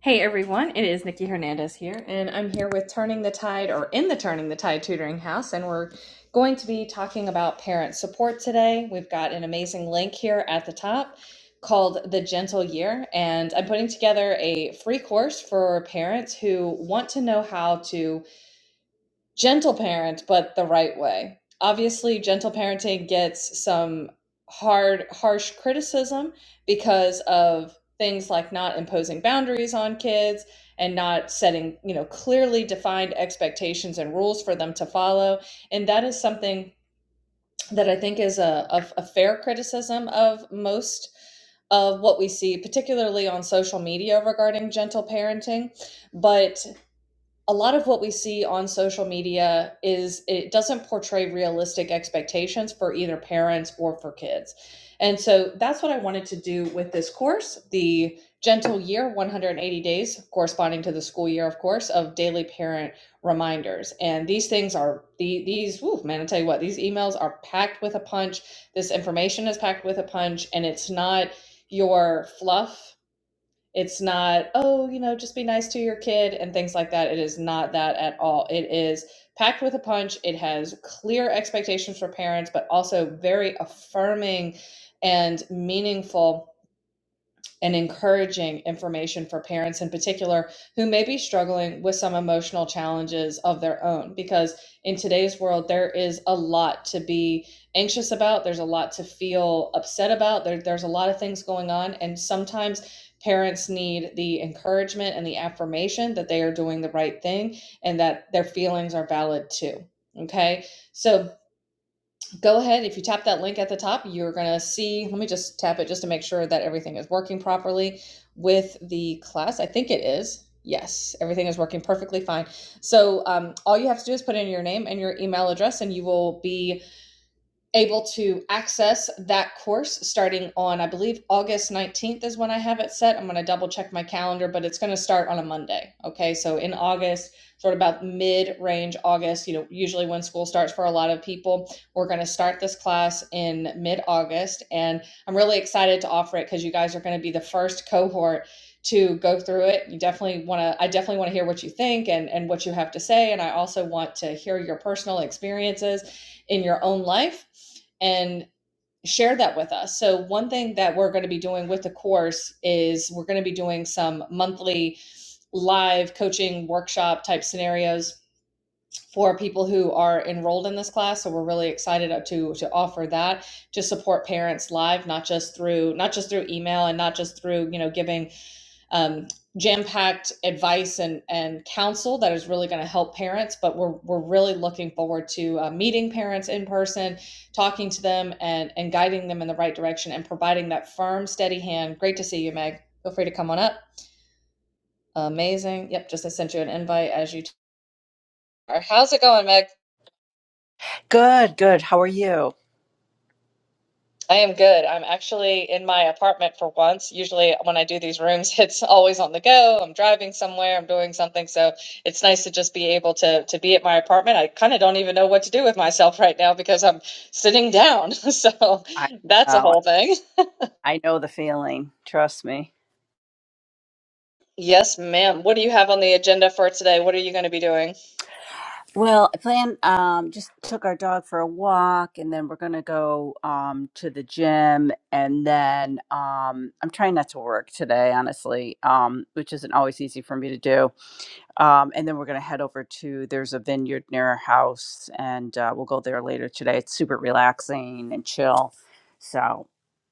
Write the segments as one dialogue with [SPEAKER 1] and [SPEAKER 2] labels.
[SPEAKER 1] Hey everyone, it is Nikki Hernandez here, and I'm here with Turning the Tide or in the Turning the Tide Tutoring House, and we're going to be talking about parent support today. We've got an amazing link here at the top called The Gentle Year, and I'm putting together a free course for parents who want to know how to gentle parent, but the right way. Obviously, gentle parenting gets some hard, harsh criticism because of things like not imposing boundaries on kids and not setting, you know, clearly defined expectations and rules for them to follow. And that is something that I think is a, a, a fair criticism of most of what we see, particularly on social media regarding gentle parenting. But a lot of what we see on social media is it doesn't portray realistic expectations for either parents or for kids. And so that's what I wanted to do with this course, the Gentle Year 180 Days, corresponding to the school year, of course, of daily parent reminders. And these things are the these woo, man, I tell you what, these emails are packed with a punch. This information is packed with a punch, and it's not your fluff it's not, oh, you know, just be nice to your kid and things like that. It is not that at all. It is packed with a punch. It has clear expectations for parents, but also very affirming and meaningful and encouraging information for parents in particular who may be struggling with some emotional challenges of their own. Because in today's world, there is a lot to be anxious about, there's a lot to feel upset about, there, there's a lot of things going on. And sometimes parents need the encouragement and the affirmation that they are doing the right thing and that their feelings are valid too. Okay. So go ahead. If you tap that link at the top, you're going to see. Let me just tap it just to make sure that everything is working properly with the class. I think it is. Yes, everything is working perfectly fine. So um, all you have to do is put in your name and your email address, and you will be able to access that course starting on, I believe, August 19th is when I have it set. I'm going to double check my calendar, but it's going to start on a Monday. Okay. So in August, sort of about mid range August, you know, usually when school starts for a lot of people, we're going to start this class in mid August. And I'm really excited to offer it because you guys are going to be the first cohort to go through it. You definitely want to, I definitely want to hear what you think and, and what you have to say. And I also want to hear your personal experiences in your own life and share that with us. So, one thing that we're going to be doing with the course is we're going to be doing some monthly live coaching workshop type scenarios for people who are enrolled in this class so we're really excited to to offer that to support parents live not just through not just through email and not just through you know giving um, jam-packed advice and, and counsel that is really going to help parents but we're, we're really looking forward to uh, meeting parents in person talking to them and, and guiding them in the right direction and providing that firm steady hand great to see you meg feel free to come on up amazing yep just i sent you an invite as you t- how's it going meg
[SPEAKER 2] Good, good. How are you?
[SPEAKER 1] I am good. I'm actually in my apartment for once. Usually, when I do these rooms, it's always on the go. I'm driving somewhere, I'm doing something. So it's nice to just be able to to be at my apartment. I kind of don't even know what to do with myself right now because I'm sitting down. So
[SPEAKER 2] I
[SPEAKER 1] that's a
[SPEAKER 2] know.
[SPEAKER 1] whole thing.
[SPEAKER 2] I know the feeling. Trust me.
[SPEAKER 1] Yes, ma'am. What do you have on the agenda for today? What are you going to be doing?
[SPEAKER 2] Well, I plan um just took our dog for a walk and then we're going to go um to the gym and then um I'm trying not to work today, honestly. Um which isn't always easy for me to do. Um and then we're going to head over to there's a vineyard near our house and uh, we'll go there later today. It's super relaxing and chill. So,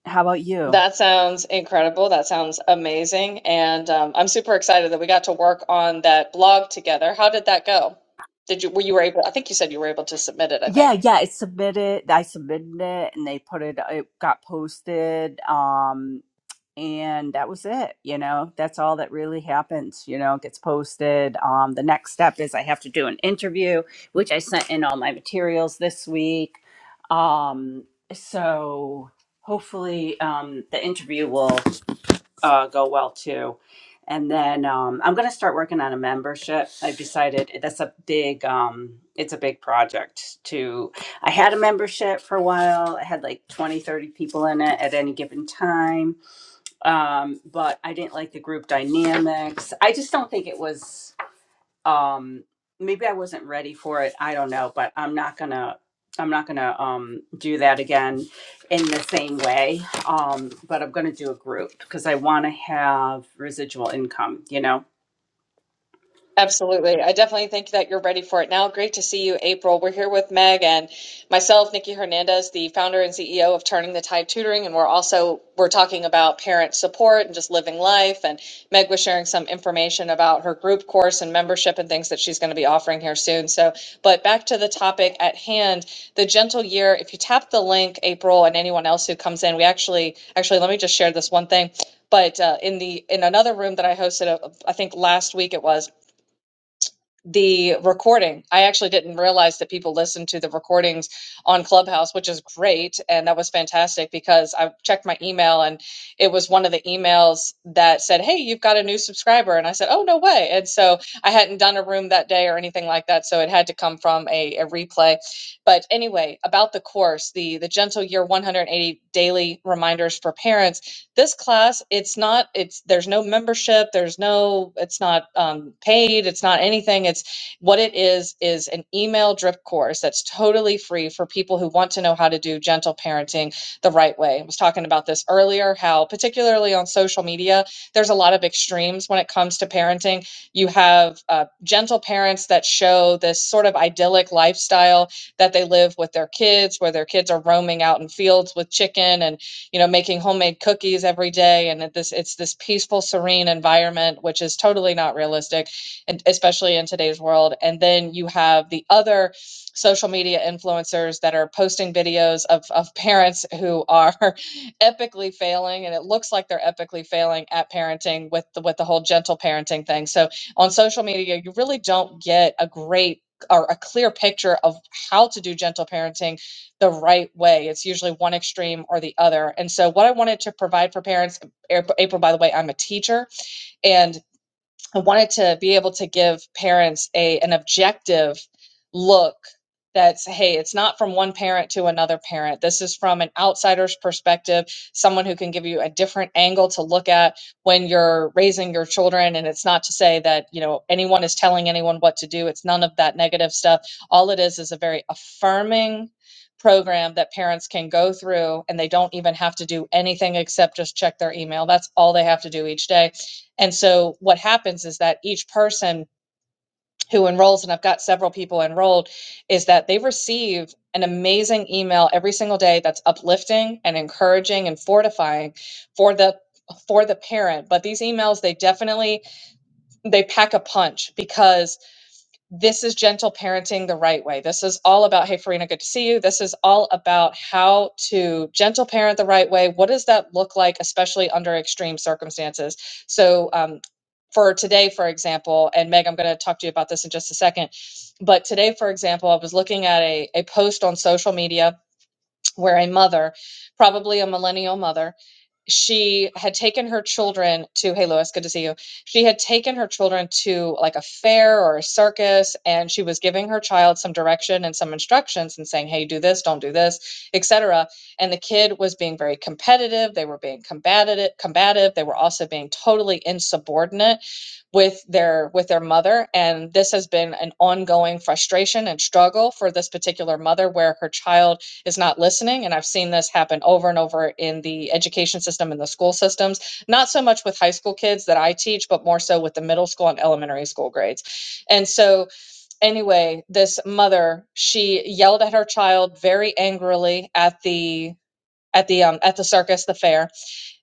[SPEAKER 2] how about you?
[SPEAKER 1] That sounds incredible. That sounds amazing. And um, I'm super excited that we got to work on that blog together. How did that go? Did you, were you able, I think you said you were able to submit it, I think.
[SPEAKER 2] Yeah, yeah, it's submitted. I submitted it and they put it, it got posted. Um, and that was it. You know, that's all that really happens. You know, it gets posted. Um, the next step is I have to do an interview, which I sent in all my materials this week. Um, so hopefully, um, the interview will uh, go well too. And then um, I'm going to start working on a membership. I've decided that's a big, um, it's a big project to, I had a membership for a while. I had like 20, 30 people in it at any given time. Um, but I didn't like the group dynamics. I just don't think it was um maybe i wasn't ready for it i don't know but i'm not gonna i'm not gonna um do that again in the same way um but i'm gonna do a group because i want to have residual income you know
[SPEAKER 1] Absolutely. I definitely think that you're ready for it now. Great to see you, April. We're here with Meg and myself, Nikki Hernandez, the founder and CEO of Turning the Tide Tutoring, and we're also we're talking about parent support and just living life. And Meg was sharing some information about her group course and membership and things that she's going to be offering here soon. So, but back to the topic at hand, the gentle year. If you tap the link, April, and anyone else who comes in, we actually actually let me just share this one thing. But uh, in the in another room that I hosted, uh, I think last week it was the recording. I actually didn't realize that people listened to the recordings on Clubhouse, which is great. And that was fantastic because I checked my email and it was one of the emails that said, Hey, you've got a new subscriber. And I said, Oh, no way. And so I hadn't done a room that day or anything like that. So it had to come from a, a replay. But anyway, about the course, the, the Gentle Year 180 Daily Reminders for Parents this class, it's not, it's, there's no membership, there's no, it's not um, paid, it's not anything. It's what it is, is an email drip course that's totally free for people who want to know how to do gentle parenting the right way. I was talking about this earlier, how particularly on social media, there's a lot of extremes when it comes to parenting. You have uh, gentle parents that show this sort of idyllic lifestyle that they live with their kids, where their kids are roaming out in fields with chicken and you know making homemade cookies every day and it, this it's this peaceful serene environment which is totally not realistic and especially in today's world and then you have the other social media influencers that are posting videos of, of parents who are epically failing and it looks like they're epically failing at parenting with the with the whole gentle parenting thing so on social media you really don't get a great or a clear picture of how to do gentle parenting the right way. It's usually one extreme or the other. And so, what I wanted to provide for parents, April, by the way, I'm a teacher, and I wanted to be able to give parents a an objective look that's hey it's not from one parent to another parent this is from an outsider's perspective someone who can give you a different angle to look at when you're raising your children and it's not to say that you know anyone is telling anyone what to do it's none of that negative stuff all it is is a very affirming program that parents can go through and they don't even have to do anything except just check their email that's all they have to do each day and so what happens is that each person who enrolls, and I've got several people enrolled, is that they receive an amazing email every single day that's uplifting and encouraging and fortifying for the for the parent but these emails they definitely they pack a punch because this is gentle parenting the right way. This is all about, hey, Farina, good to see you. This is all about how to gentle parent the right way. What does that look like, especially under extreme circumstances? So, um, for today, for example, and Meg, I'm going to talk to you about this in just a second. But today, for example, I was looking at a, a post on social media where a mother, probably a millennial mother, she had taken her children to hey lois good to see you she had taken her children to like a fair or a circus and she was giving her child some direction and some instructions and saying hey do this don't do this etc and the kid was being very competitive they were being combative combative they were also being totally insubordinate with their with their mother and this has been an ongoing frustration and struggle for this particular mother where her child is not listening and i've seen this happen over and over in the education system and the school systems not so much with high school kids that i teach but more so with the middle school and elementary school grades and so anyway this mother she yelled at her child very angrily at the at the um at the circus the fair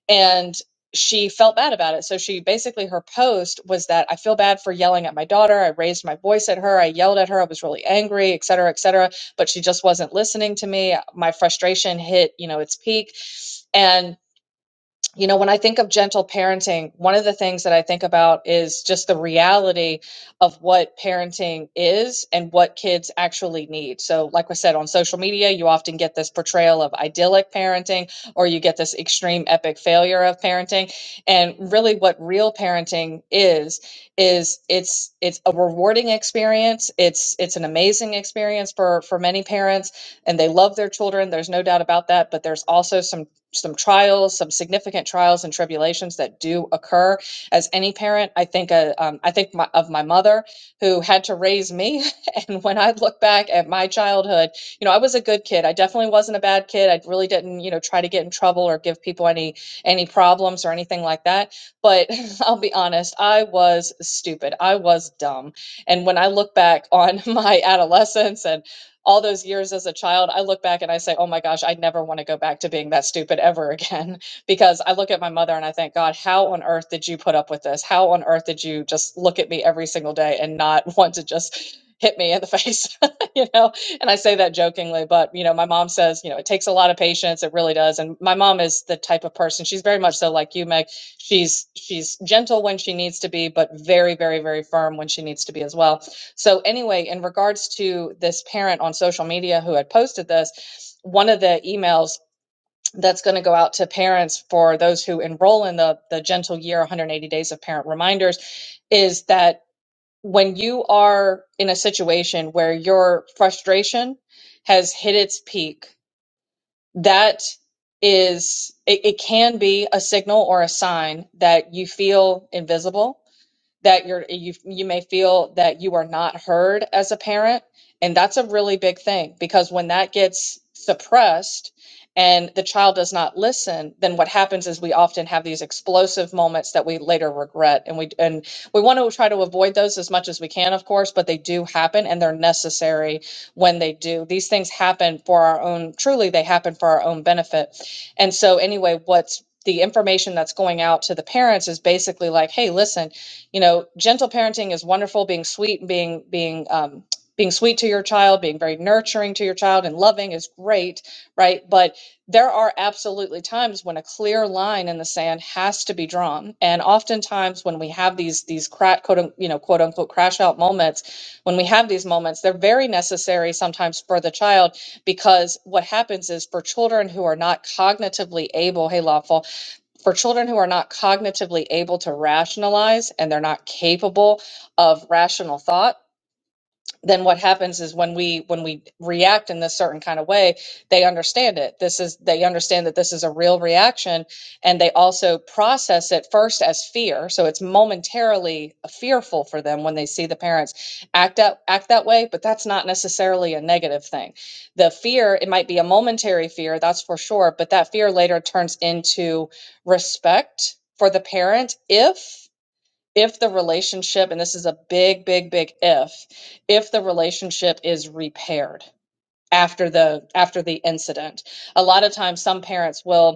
[SPEAKER 1] and she felt bad about it. So she basically her post was that I feel bad for yelling at my daughter. I raised my voice at her. I yelled at her. I was really angry, et cetera, et cetera. But she just wasn't listening to me. My frustration hit, you know, its peak, and you know, when I think of gentle parenting, one of the things that I think about is just the reality of what parenting is and what kids actually need. So, like I said, on social media, you often get this portrayal of idyllic parenting or you get this extreme epic failure of parenting. And really what real parenting is is it's it's a rewarding experience. It's it's an amazing experience for for many parents and they love their children. There's no doubt about that, but there's also some some trials, some significant trials and tribulations that do occur. As any parent, I think, uh, um, I think my, of my mother who had to raise me. And when I look back at my childhood, you know, I was a good kid. I definitely wasn't a bad kid. I really didn't, you know, try to get in trouble or give people any any problems or anything like that. But I'll be honest, I was stupid. I was dumb. And when I look back on my adolescence and all those years as a child, I look back and I say, oh my gosh, I never want to go back to being that stupid ever again. Because I look at my mother and I think, God, how on earth did you put up with this? How on earth did you just look at me every single day and not want to just hit me in the face? you know, and I say that jokingly, but you know, my mom says, you know, it takes a lot of patience. It really does. And my mom is the type of person, she's very much so like you, Meg. She's she's gentle when she needs to be, but very, very, very firm when she needs to be as well so, anyway, in regards to this parent on social media who had posted this, one of the emails that's going to go out to parents for those who enroll in the, the Gentle Year 180 Days of Parent Reminders is that when you are in a situation where your frustration has hit its peak, that is, it, it can be a signal or a sign that you feel invisible that you're you you may feel that you are not heard as a parent and that's a really big thing because when that gets suppressed and the child does not listen then what happens is we often have these explosive moments that we later regret and we and we want to try to avoid those as much as we can of course but they do happen and they're necessary when they do these things happen for our own truly they happen for our own benefit and so anyway what's the information that's going out to the parents is basically like hey listen you know gentle parenting is wonderful being sweet and being being um, being sweet to your child being very nurturing to your child and loving is great right but there are absolutely times when a clear line in the sand has to be drawn and oftentimes when we have these these cra- quote un- you know quote unquote crash out moments when we have these moments they're very necessary sometimes for the child because what happens is for children who are not cognitively able hey lawful for children who are not cognitively able to rationalize and they're not capable of rational thought then what happens is when we when we react in this certain kind of way they understand it this is they understand that this is a real reaction and they also process it first as fear so it's momentarily fearful for them when they see the parents act out act that way but that's not necessarily a negative thing the fear it might be a momentary fear that's for sure but that fear later turns into respect for the parent if if the relationship, and this is a big, big, big if, if the relationship is repaired after the after the incident. A lot of times some parents will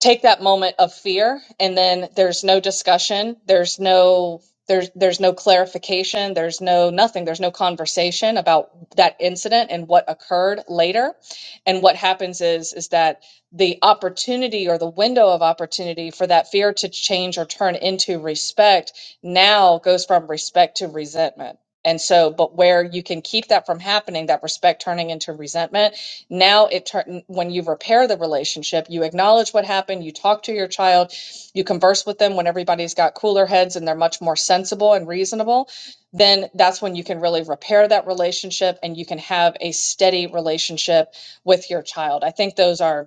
[SPEAKER 1] take that moment of fear and then there's no discussion there's no there's there's no clarification there's no nothing there's no conversation about that incident and what occurred later and what happens is is that the opportunity or the window of opportunity for that fear to change or turn into respect now goes from respect to resentment and so but where you can keep that from happening that respect turning into resentment now it when you repair the relationship, you acknowledge what happened, you talk to your child, you converse with them when everybody's got cooler heads and they're much more sensible and reasonable, then that's when you can really repair that relationship and you can have a steady relationship with your child. I think those are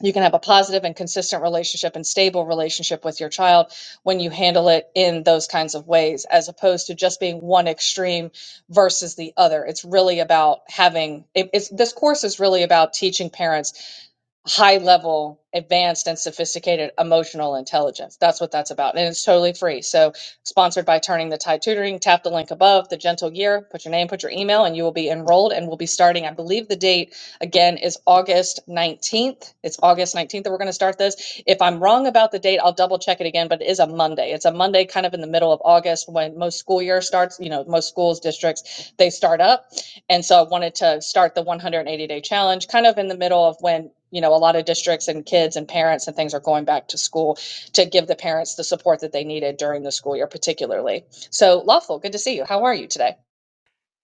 [SPEAKER 1] you can have a positive and consistent relationship and stable relationship with your child when you handle it in those kinds of ways as opposed to just being one extreme versus the other it's really about having it, it's this course is really about teaching parents high level, advanced, and sophisticated emotional intelligence. That's what that's about. And it's totally free. So, sponsored by Turning the Tide Tutoring, tap the link above, the gentle year, put your name, put your email, and you will be enrolled. And we'll be starting, I believe the date again is August 19th. It's August 19th that we're going to start this. If I'm wrong about the date, I'll double check it again, but it is a Monday. It's a Monday kind of in the middle of August when most school year starts, you know, most schools, districts, they start up. And so I wanted to start the 180 day challenge kind of in the middle of when, you know, a lot of districts and kids and parents and things are going back to school to give the parents the support that they needed during the school year, particularly. So, Lawful, good to see you. How are you today?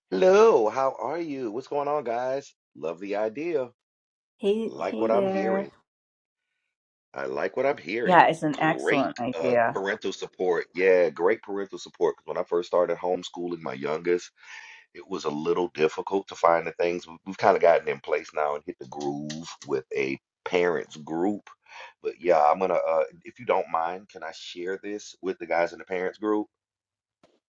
[SPEAKER 3] Hello, how are you? What's going on, guys? Love the idea.
[SPEAKER 2] Hey,
[SPEAKER 3] Like
[SPEAKER 2] hey
[SPEAKER 3] what I'm hearing.
[SPEAKER 2] there.
[SPEAKER 3] I like what I'm hearing.
[SPEAKER 2] Yeah, it's an
[SPEAKER 3] Great
[SPEAKER 2] excellent
[SPEAKER 3] uh,
[SPEAKER 2] idea.
[SPEAKER 3] parental support. Yeah, great parental support. 'Cause when I first started homeschooling my youngest, it was a little difficult to find the things. We- We've kind of gotten in place now and hit the groove with a parents group. But yeah, I'm gonna, uh, if you don't mind, can I share this with the guys in the parents group?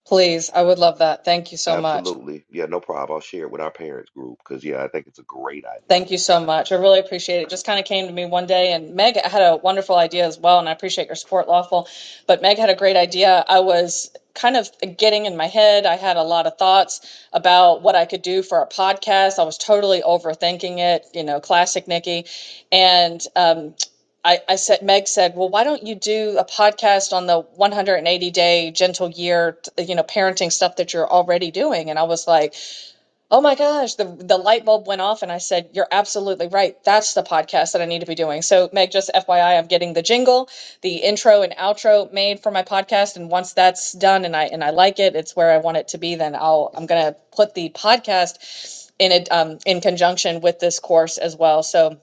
[SPEAKER 1] Please, I would love that. Thank you so much.
[SPEAKER 3] Absolutely. Yeah, no problem. I'll share it with our parents group because, yeah, I think it's a great idea.
[SPEAKER 1] Thank you so much. I really appreciate it. It Just kind of came to me one day, and Meg had a wonderful idea as well, and I appreciate your support, Lawful. But Meg had a great idea. I was kind of getting in my head. I had a lot of thoughts about what I could do for a podcast. I was totally overthinking it, you know, classic Nikki. And um, I, I said, Meg said, well, why don't you do a podcast on the 180 day gentle year, you know, parenting stuff that you're already doing? And I was like, Oh my gosh, the the light bulb went off and I said, "You're absolutely right. That's the podcast that I need to be doing." So, Meg, just FYI, I'm getting the jingle, the intro and outro made for my podcast and once that's done and I and I like it, it's where I want it to be, then I'll I'm going to put the podcast in it um in conjunction with this course as well. So,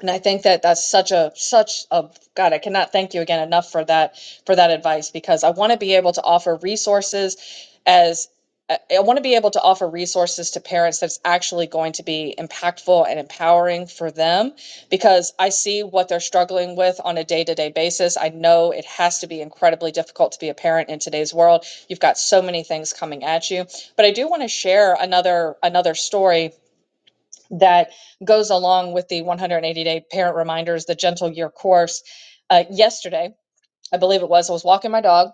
[SPEAKER 1] and I think that that's such a such a God, I cannot thank you again enough for that for that advice because I want to be able to offer resources as I I want to be able to offer resources to parents that's actually going to be impactful and empowering for them because I see what they're struggling with on a day-to-day basis. I know it has to be incredibly difficult to be a parent in today's world. You've got so many things coming at you. But I do want to share another another story that goes along with the 180 day parent reminders, the gentle year course. Uh, yesterday, I believe it was, I was walking my dog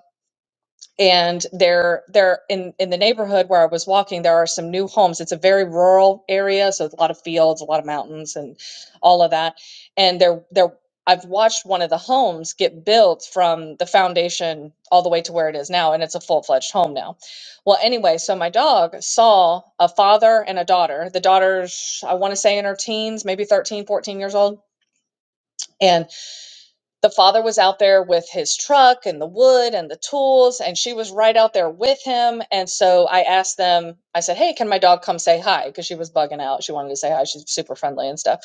[SPEAKER 1] and there there in in the neighborhood where I was walking there are some new homes it's a very rural area so it's a lot of fields a lot of mountains and all of that and there there I've watched one of the homes get built from the foundation all the way to where it is now and it's a full-fledged home now well anyway so my dog saw a father and a daughter the daughter's I want to say in her teens maybe 13, 14 years old and the father was out there with his truck and the wood and the tools, and she was right out there with him. And so I asked them, I said, Hey, can my dog come say hi? Because she was bugging out. She wanted to say hi. She's super friendly and stuff.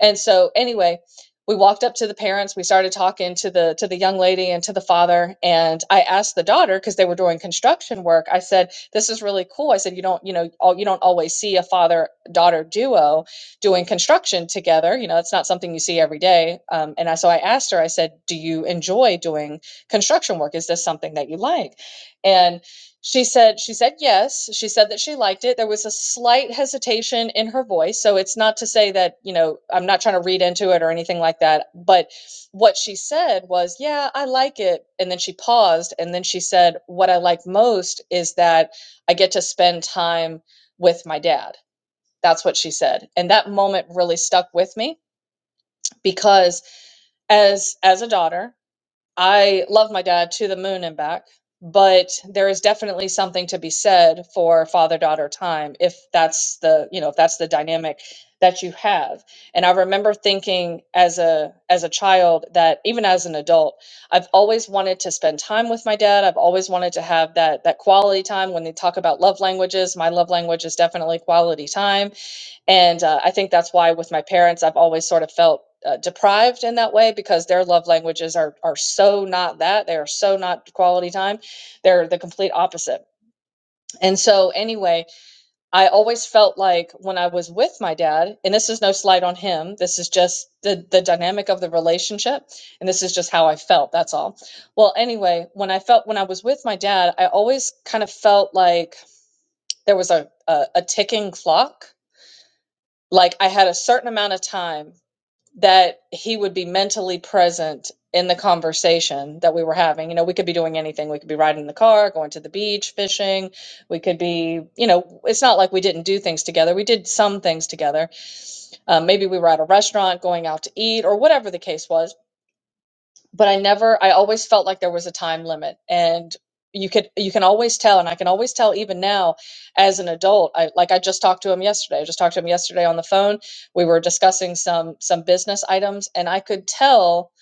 [SPEAKER 1] And so anyway, we walked up to the parents. We started talking to the to the young lady and to the father. And I asked the daughter because they were doing construction work. I said, "This is really cool." I said, "You don't, you know, all, you don't always see a father daughter duo." doing construction together. You know, that's not something you see every day. Um, and I, so I asked her, I said, Do you enjoy doing construction work? Is this something that you like? And she said, She said yes. She said that she liked it. There was a slight hesitation in her voice. So it's not to say that, you know, I'm not trying to read into it or anything like that. But what she said was, Yeah, I like it. And then she paused. And then she said, What I like most is that I get to spend time with my dad that's what she said and that moment really stuck with me because as as a daughter i love my dad to the moon and back but there is definitely something to be said for father daughter time if that's the you know if that's the dynamic that you have and i remember thinking as a as a child that even as an adult i've always wanted to spend time with my dad i've always wanted to have that that quality time when they talk about love languages my love language is definitely quality time and uh, I think that's why with my parents, I've always sort of felt uh, deprived in that way because their love languages are are so not that they are so not quality time. They're the complete opposite. And so anyway, I always felt like when I was with my dad, and this is no slight on him, this is just the the dynamic of the relationship, and this is just how I felt. That's all. Well, anyway, when I felt when I was with my dad, I always kind of felt like there was a a, a ticking clock. Like I had a certain amount of time that he would be mentally present in the conversation that we were having. You know, we could be doing anything. We could be riding in the car, going to the beach, fishing. We could be, you know, it's not like we didn't do things together. We did some things together. Um, maybe we were at a restaurant going out to eat or whatever the case was but I never I always felt like there was a time limit and you could you can always tell and I can always tell even now as an adult I like I just talked to him yesterday I just talked to him yesterday on the phone we were discussing some some business items and I could tell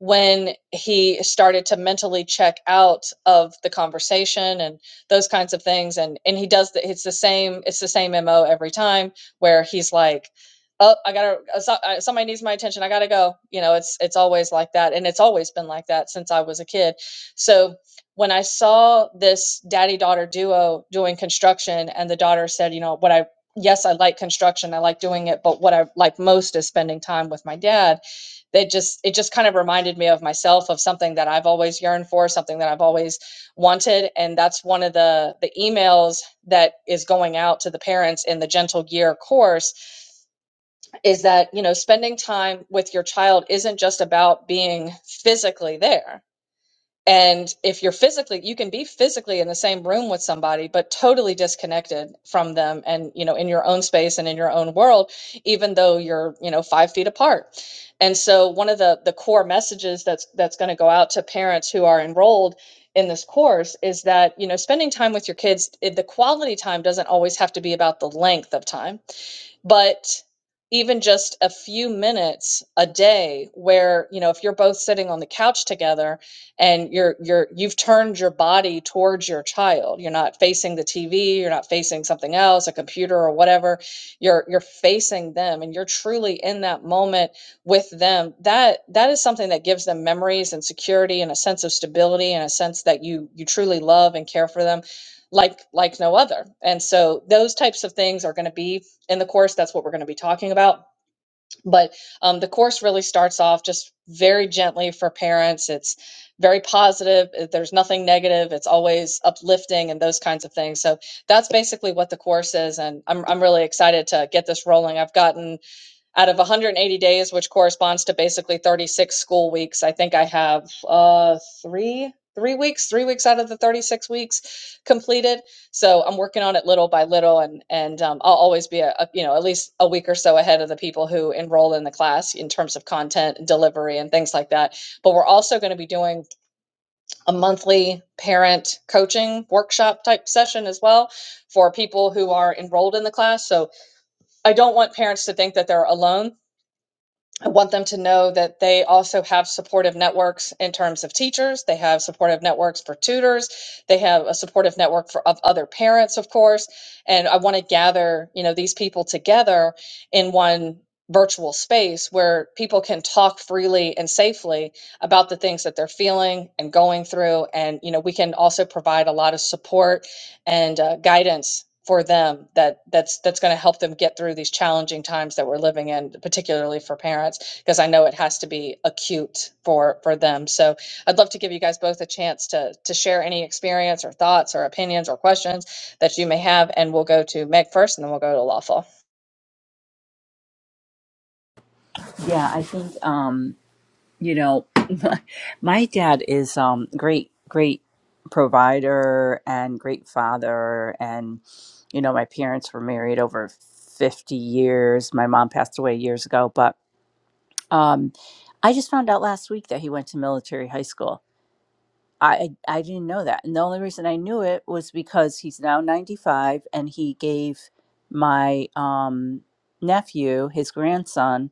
[SPEAKER 1] when he started to mentally check out of the conversation and those kinds of things and and he does the, it's the same it's the same MO every time where he's like oh i gotta uh, so, uh, somebody needs my attention i gotta go you know it's it's always like that and it's always been like that since i was a kid so when i saw this daddy daughter duo doing construction and the daughter said you know what i yes i like construction i like doing it but what i like most is spending time with my dad that just it just kind of reminded me of myself of something that i've always yearned for something that i've always wanted and that's one of the the emails that is going out to the parents in the gentle gear course is that you know spending time with your child isn't just about being physically there and if you're physically you can be physically in the same room with somebody but totally disconnected from them and you know in your own space and in your own world even though you're you know five feet apart and so one of the the core messages that's that's going to go out to parents who are enrolled in this course is that you know spending time with your kids it- the quality time doesn't always have to be about the length of time but even just a few minutes a day where you know if you're both sitting on the couch together and you're you're you've turned your body towards your child you're not facing the TV you're not facing something else a computer or whatever you're you're facing them and you're truly in that moment with them that that is something that gives them memories and security and a sense of stability and a sense that you you truly love and care for them like like no other and so those types of things are going to be in the course that's what we're going to be talking about but um, the course really starts off just very gently for parents it's very positive uh, there's nothing negative it's always uplifting and those kinds of things so that's basically what the course is and i'm, I'm really excited to get this rolling i've gotten out of 180 days, which corresponds to basically 36 school weeks, I think I have uh, three three weeks, three weeks out of the 36 weeks completed. So I'm working on it little by little, and and um, I'll always be a, a you know at least a week or so ahead of the people who enroll in the class in terms of content and delivery and things like that. But we're also going to be doing a monthly parent coaching workshop type session as well for people who are enrolled in the class. So I don't want parents to think that they're alone I want them to know that they also have supportive networks in terms of teachers. They have supportive networks for tutors. They have a supportive network for of other parents, of course. And I want to gather, you know, these people together in one virtual space where people can talk freely and safely about the things that they're feeling and going through and you know we can also provide a lot of support and uh, guidance for them that that's that's going to help them get through these challenging times that we're living in particularly for parents because i know it has to be acute for for them so i'd love to give you guys both a chance to to share any experience or thoughts or opinions or questions that you may have and we'll go to meg first and then we'll go to lawful
[SPEAKER 2] Yeah, I think. um. you know my dad is um great great provider and great father and you know my parents were married over 50 years my mom passed away years ago but um i just found out last week that he went to military high school I I didn't know that. And the only reason I knew it was because he's now 95 and he gave my um nephew, his grandson,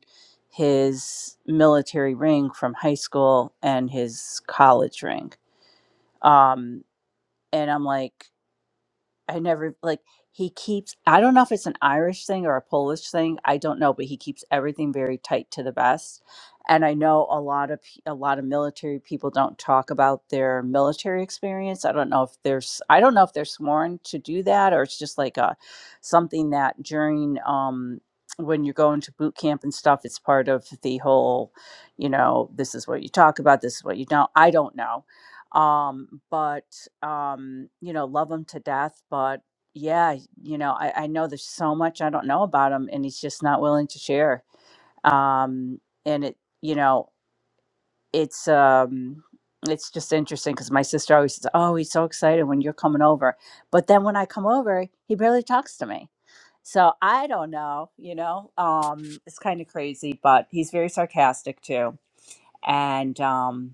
[SPEAKER 2] his military ring from high school and his college ring. Um and I'm like I never like he keeps I don't know if it's an Irish thing or a Polish thing, I don't know, but he keeps everything very tight to the vest. And I know a lot of pe- a lot of military people don't talk about their military experience. I don't know if there's I don't know if they're sworn to do that or it's just like a something that during um when you're going to boot camp and stuff, it's part of the whole, you know, this is what you talk about, this is what you don't. I don't know um but um you know love him to death but yeah you know I, I know there's so much i don't know about him and he's just not willing to share um and it you know it's um it's just interesting because my sister always says oh he's so excited when you're coming over but then when i come over he barely talks to me so i don't know you know um it's kind of crazy but he's very sarcastic too and um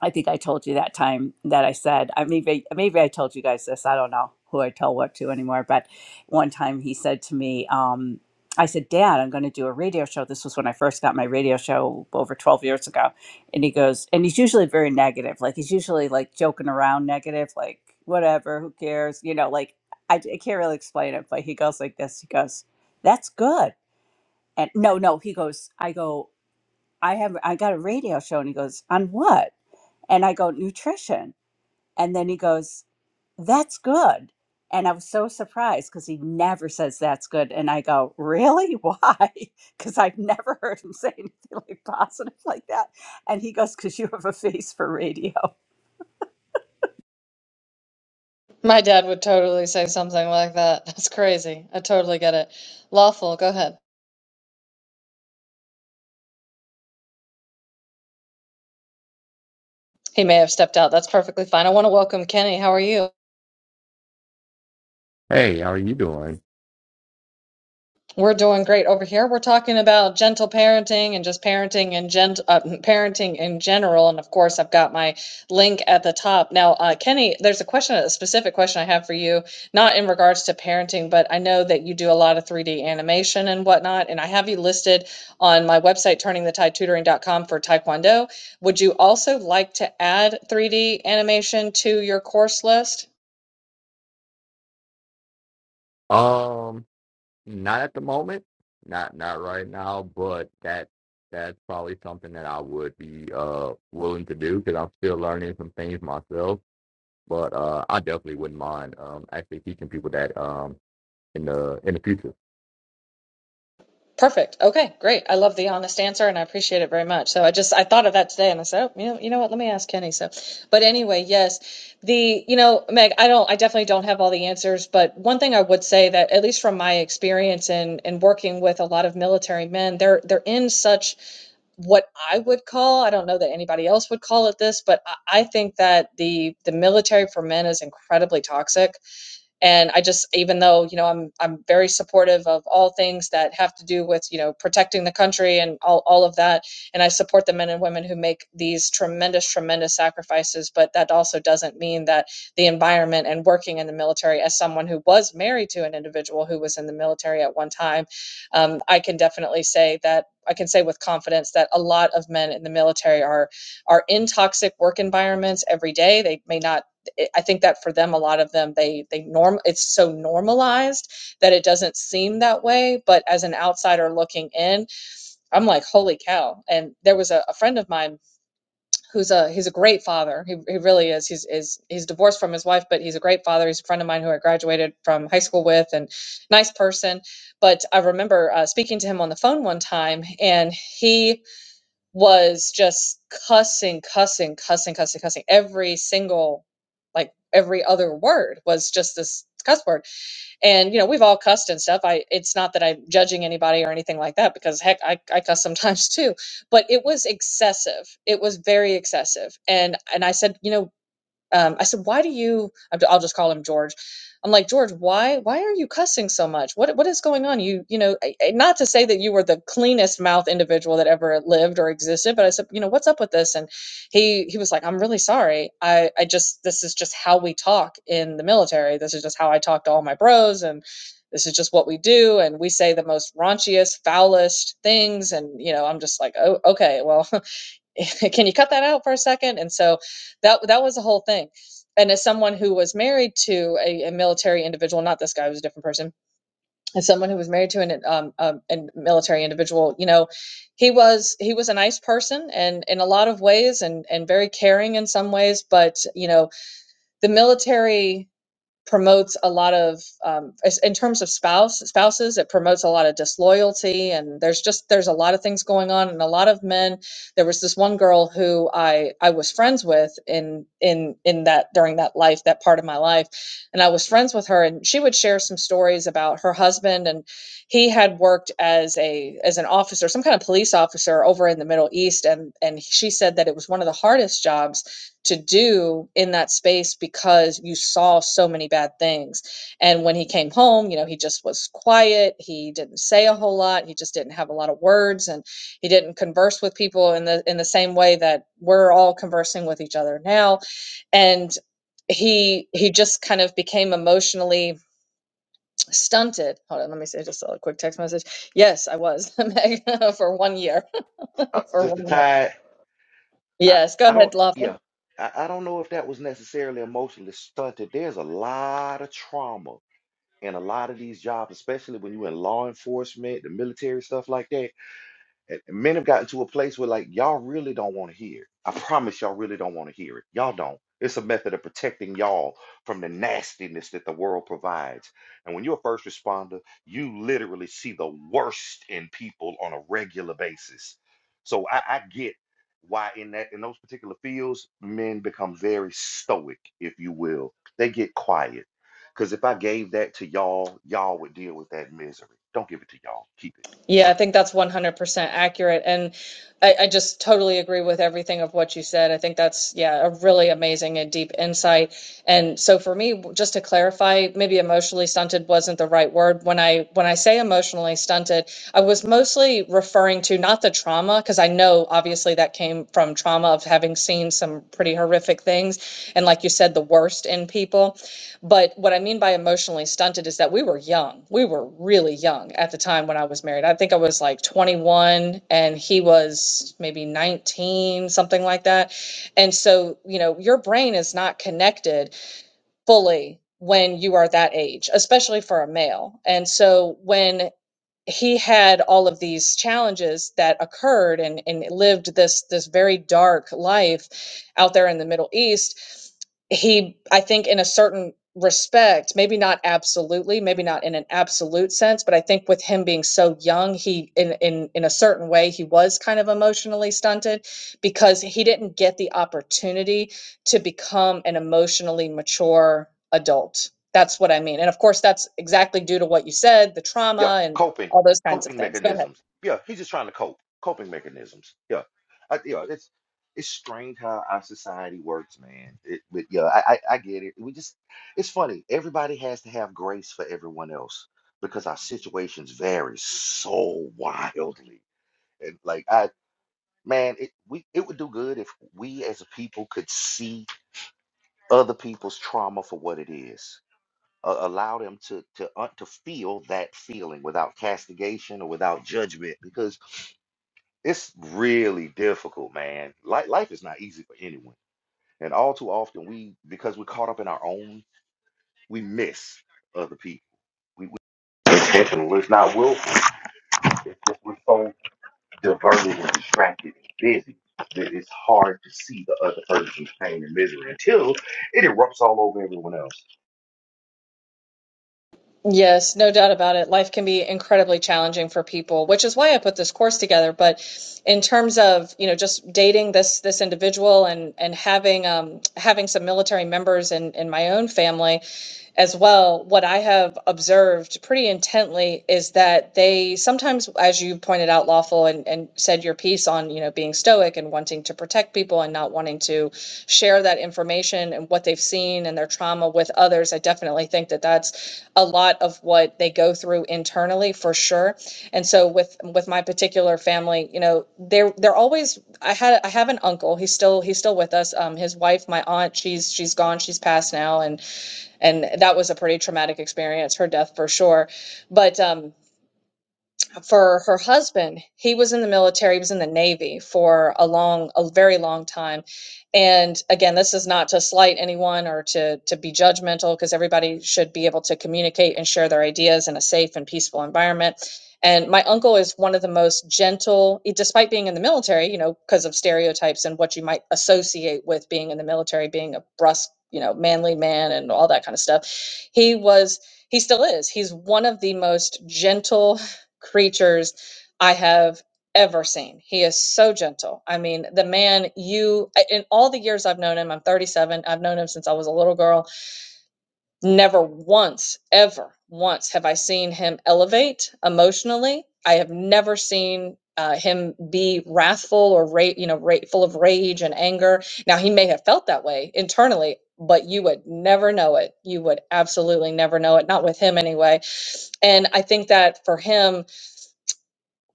[SPEAKER 2] I think I told you that time that I said, I maybe maybe I told you guys this. I don't know who I tell what to anymore. But one time he said to me, um, I said, Dad, I'm going to do a radio show. This was when I first got my radio show over 12 years ago. And he goes, and he's usually very negative. Like he's usually like joking around, negative, like whatever, who cares? You know, like I, I can't really explain it. But he goes like this. He goes, That's good. And no, no, he goes, I go. I have I got a radio show and he goes, On what? And I go, Nutrition. And then he goes, That's good. And I was so surprised because he never says that's good. And I go, Really? Why? Because I've never heard him say anything like positive like that. And he goes, Because you have a face for radio.
[SPEAKER 1] my dad would totally say something like that that's crazy i totally get it lawful go ahead he may have stepped out that's perfectly fine i want to welcome kenny how are you
[SPEAKER 4] Hey, how are you doing?
[SPEAKER 1] We're doing great over here. We're talking about gentle parenting and just parenting and gent uh, parenting in general. And of course, I've got my link at the top. Now, uh, Kenny, there's a question, a specific question I have for you, not in regards to parenting, but I know that you do a lot of 3D animation and whatnot. And I have you listed on my website, turningthetidetutoring.com for Taekwondo. Would you also like to add 3D animation to your course list?
[SPEAKER 4] Um, not at the moment, not not right now, but that that's probably something that I would be uh willing to do because I'm still learning some things myself. But uh, I definitely wouldn't mind um actually teaching people that um in the in the future.
[SPEAKER 1] Perfect. Okay, great. I love the honest answer and I appreciate it very much. So I just I thought of that today and I said, oh, you know, you know what? Let me ask Kenny. So, but anyway, yes, the you know, Meg, I don't, I definitely don't have all the answers, but one thing I would say that at least from my experience and and working with a lot of military men, they're they're in such what I would call, I don't know that anybody else would call it this, but I, I think that the the military for men is incredibly toxic and i just even though you know i'm i'm very supportive of all things that have to do with you know protecting the country and all, all of that and i support the men and women who make these tremendous tremendous sacrifices but that also doesn't mean that the environment and working in the military as someone who was married to an individual who was in the military at one time um, i can definitely say that I can say with confidence that a lot of men in the military are are in toxic work environments every day. They may not it, I think that for them, a lot of them, they they norm it's so normalized that it doesn't seem that way. But as an outsider looking in, I'm like, holy cow! And there was a, a friend of mine who's a he's a great father. He, he really is. He's is he's divorced from his wife, but he's a great father. He's a friend of mine who I graduated from high school with, and nice person. But I remember uh, speaking to him on the phone one time, and he was just cussing, cussing, cussing, cussing, cussing. Every single, like every other word was just this cuss word. And you know, we've all cussed and stuff. I it's not that I'm judging anybody or anything like that because heck, I, I cuss sometimes too. But it was excessive. It was very excessive. And and I said, you know, um, I said, "Why do you?" i will just call him George. I'm like, George, why? Why are you cussing so much? What What is going on? You You know, not to say that you were the cleanest mouth individual that ever lived or existed, but I said, you know, what's up with this? And he he was like, I'm really sorry. I I just this is just how we talk in the military. This is just how I talk to all my bros and. This is just what we do, and we say the most raunchiest, foulest things, and you know, I'm just like, oh, okay, well, can you cut that out for a second and so that that was the whole thing and as someone who was married to a, a military individual not this guy was a different person as someone who was married to an um, um a military individual you know he was he was a nice person and in a lot of ways and and very caring in some ways but you know the military promotes a lot of um, in terms of spouse spouses it promotes a lot of disloyalty and there's just there's a lot of things going on and a lot of men there was this one girl who i i was friends with in in in that during that life that part of my life and i was friends with her and she would share some stories about her husband and he had worked as a as an officer some kind of police officer over in the middle east and and she said that it was one of the hardest jobs to do in that space because you saw so many bad things. And when he came home, you know, he just was quiet. He didn't say a whole lot. He just didn't have a lot of words and he didn't converse with people in the in the same way that we're all conversing with each other now. And he he just kind of became emotionally stunted. Hold on, let me say just a quick text message. Yes, I was Meg, for one year.
[SPEAKER 3] uh,
[SPEAKER 1] for
[SPEAKER 3] Sister
[SPEAKER 1] one year.
[SPEAKER 3] Tide, I,
[SPEAKER 1] Yes, go
[SPEAKER 3] I
[SPEAKER 1] ahead,
[SPEAKER 3] don't,
[SPEAKER 1] Lafa.
[SPEAKER 3] yeah, I, I don't know if that was necessarily emotionally stunted. There's a lot of trauma in a lot of these jobs, especially when you're in law enforcement, the military, stuff like that. And men have gotten to a place where like y'all really don't want to hear it. I promise y'all really don't want to hear it. Y'all don't. It's a method of protecting y'all from the nastiness that the world provides. And when you're a first responder, you literally see the worst in people on a regular basis. So I, I get why in that in those particular fields, men become very stoic, if you will. They get quiet. Because if I gave that to y'all, y'all would deal with that misery. Don't give it to y'all. Keep it.
[SPEAKER 1] Yeah, I think that's 100% accurate. And I, I just totally agree with everything of what you said. I think that's, yeah, a really amazing and deep insight. And so for me, just to clarify, maybe emotionally stunted wasn't the right word. When I when I say emotionally stunted, I was mostly referring to not the trauma, because I know obviously that came from trauma of having seen some pretty horrific things, and like you said, the worst in people but what I mean by emotionally stunted is that we were young. We were really young at the time when I was married. I think I was like 21 and he was maybe 19, something like that. And so, you know, your brain is not connected fully when you are that age, especially for a male. And so when he had all of these challenges that occurred and, and lived this this very dark life out there in the Middle East. He, I think, in a certain respect, maybe not absolutely, maybe not in an absolute sense, but I think with him being so young, he in in in a certain way he was kind of emotionally stunted because he didn't get the opportunity to become an emotionally mature adult. That's what I mean. And of course, that's exactly due to what you said, the
[SPEAKER 3] Yeah,
[SPEAKER 1] trauma and
[SPEAKER 3] coping,
[SPEAKER 1] all those kinds of
[SPEAKER 3] coping
[SPEAKER 1] things. Go ahead.
[SPEAKER 3] mechanisms. Yeah, he's just trying to cope. Coping mechanisms. Yeah, I, yeah. It's it's strange how our society works, man. It, but yeah, I, I I get it. We just it's funny. Everybody has to have grace for everyone else because our situations vary so wildly. And like I, man, it we it would do good if we as a people could see other people's trauma for what it is uh, allow them to to uh, to feel that feeling without castigation or without judgment because it's really difficult man Like life is not easy for anyone and all too often we because we're caught up in our own we miss other people we, we it's intentional it's not willful it's just we're so diverted and distracted and busy that it's hard to see the other person's pain and misery until it erupts all over everyone else
[SPEAKER 1] Yes, no doubt about it. Life can be incredibly challenging for people, which is why I put this course together. But in terms of, you know, just dating this this individual and and having um having some military members in in my own family, as well, what I have observed pretty intently is that they sometimes, as you pointed out, lawful and, and said your piece on, you know, being stoic and wanting to protect people and not wanting to share that information and what they've seen and their trauma with others. I definitely think that that's a lot of what they go through internally for sure. And so with with my particular family, you know, they're they're always. I had I have an uncle. He's still he's still with us. Um, his wife, my aunt, she's she's gone. She's passed now, and and that was a pretty traumatic experience, her death for sure. But um, for her husband he was in the military he was in the navy for a long a very long time and again this is not to slight anyone or to to be judgmental because everybody should be able to communicate and share their ideas in a safe and peaceful environment and my uncle is one of the most gentle e- despite being in the military you know because of stereotypes and what you might associate with being in the military being a brusque you know manly man and all that kind of stuff he was he still is he's one of the most gentle creatures I have ever seen. He is so gentle. I mean, the man you in all the years I've known him, I'm 37. I've known him since I was a little girl. Never once, ever once have I seen him elevate emotionally. I have never seen uh, him be wrathful or ra- you know, ra- full of rage and anger. Now he may have felt that way internally, but you would never know it. You would absolutely never know it. Not with him anyway. And I think that for him,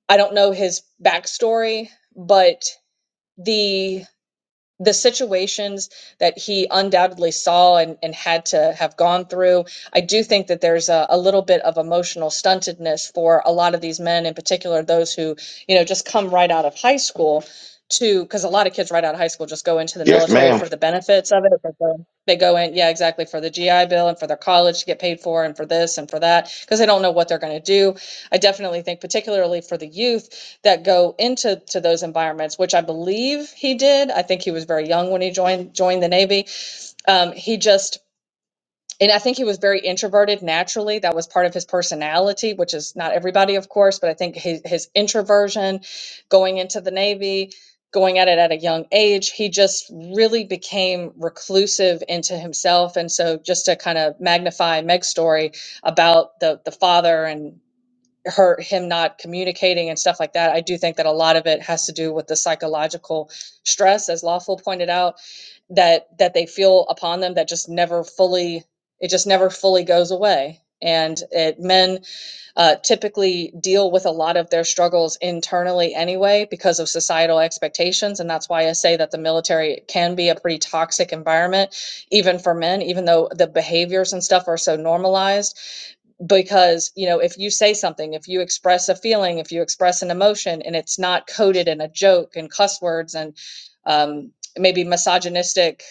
[SPEAKER 1] I don't know his backstory, but the the situations that he undoubtedly saw and, and had to have gone through, I do think that there's a, a little bit of emotional stuntedness for a lot of these men, in particular those who, you know, just come right out of high school to because a lot of kids right out of high school just go into the
[SPEAKER 3] yes
[SPEAKER 1] military
[SPEAKER 3] ma'am
[SPEAKER 1] for the benefits of it. But then they go in, yeah, exactly, for the GI Bill and for their college to get paid for and for this and for that, because they don't know what they're going to do. I definitely think, particularly for the youth that go into to those environments, which I believe he did. I think he was very young when he joined joined the Navy. Um, he just and I think he was very introverted naturally. That was part of his personality, which is not everybody, of course, but I think his, his introversion, going into the Navy, going at it at a young age, he just really became reclusive into himself. And so, just to kind of magnify Meg's story about the the father and her him not communicating and stuff like that i do think that a lot of it has to do with the psychological stress as lawful pointed out that that they feel upon them that just never fully it just never fully goes away and it, men uh, typically deal with a lot of their struggles internally anyway because of societal expectations and that's why i say that the military can be a pretty toxic environment even for men even though the behaviors and stuff are so normalized because you know if you say something if you express a feeling if you express an emotion and it's not coded in a joke and cuss words and um, maybe misogynistic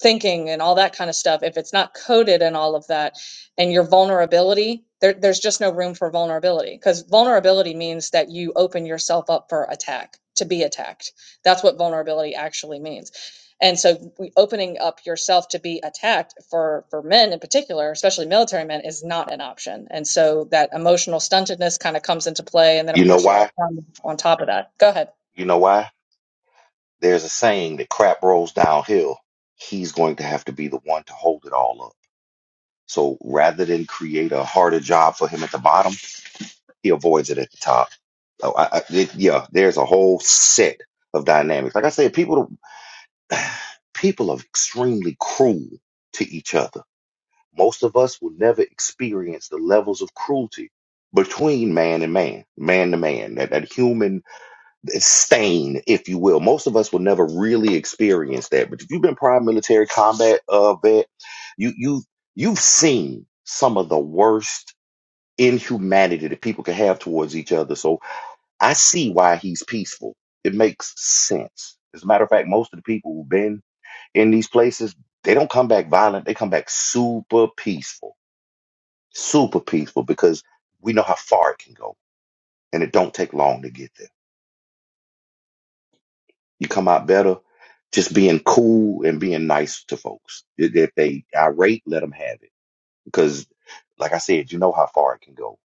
[SPEAKER 1] thinking and all that kind of stuff if it's not coded and all of that and your vulnerability there, there's just no room for vulnerability because vulnerability means that you open yourself up for attack to be attacked that's what vulnerability actually means and so we, opening up yourself to be attacked for for men in particular especially military men is not an option and so that emotional stuntedness kind of comes into play and then of
[SPEAKER 3] you know
[SPEAKER 1] course you add
[SPEAKER 3] why
[SPEAKER 1] trauma on top of that go ahead
[SPEAKER 3] you know why There's a saying that crap rolls downhill. He's going to have to be the one to hold it all up. So rather than create a harder job for him at the bottom, he avoids it at the top. So I, I, it, yeah, there's a whole set of dynamics. Like I said, people people are extremely cruel to each other. Most of us will never experience the levels of cruelty between man and man, man to man, that, that human stain, if you will. Most of us will never really experience that, but if you've been prior military combat uh, vet, you you you've seen some of the worst inhumanity that people can have towards each other. So I see why he's peaceful. It makes sense. As a matter of fact, most of the people who've been in these places, they don't come back violent. They come back super peaceful, super peaceful because we know how far it can go, and it don't take long to get there. You come out better just being cool and being nice to folks. If if they irate, let them have it. Because, like I said, you know how far it can go.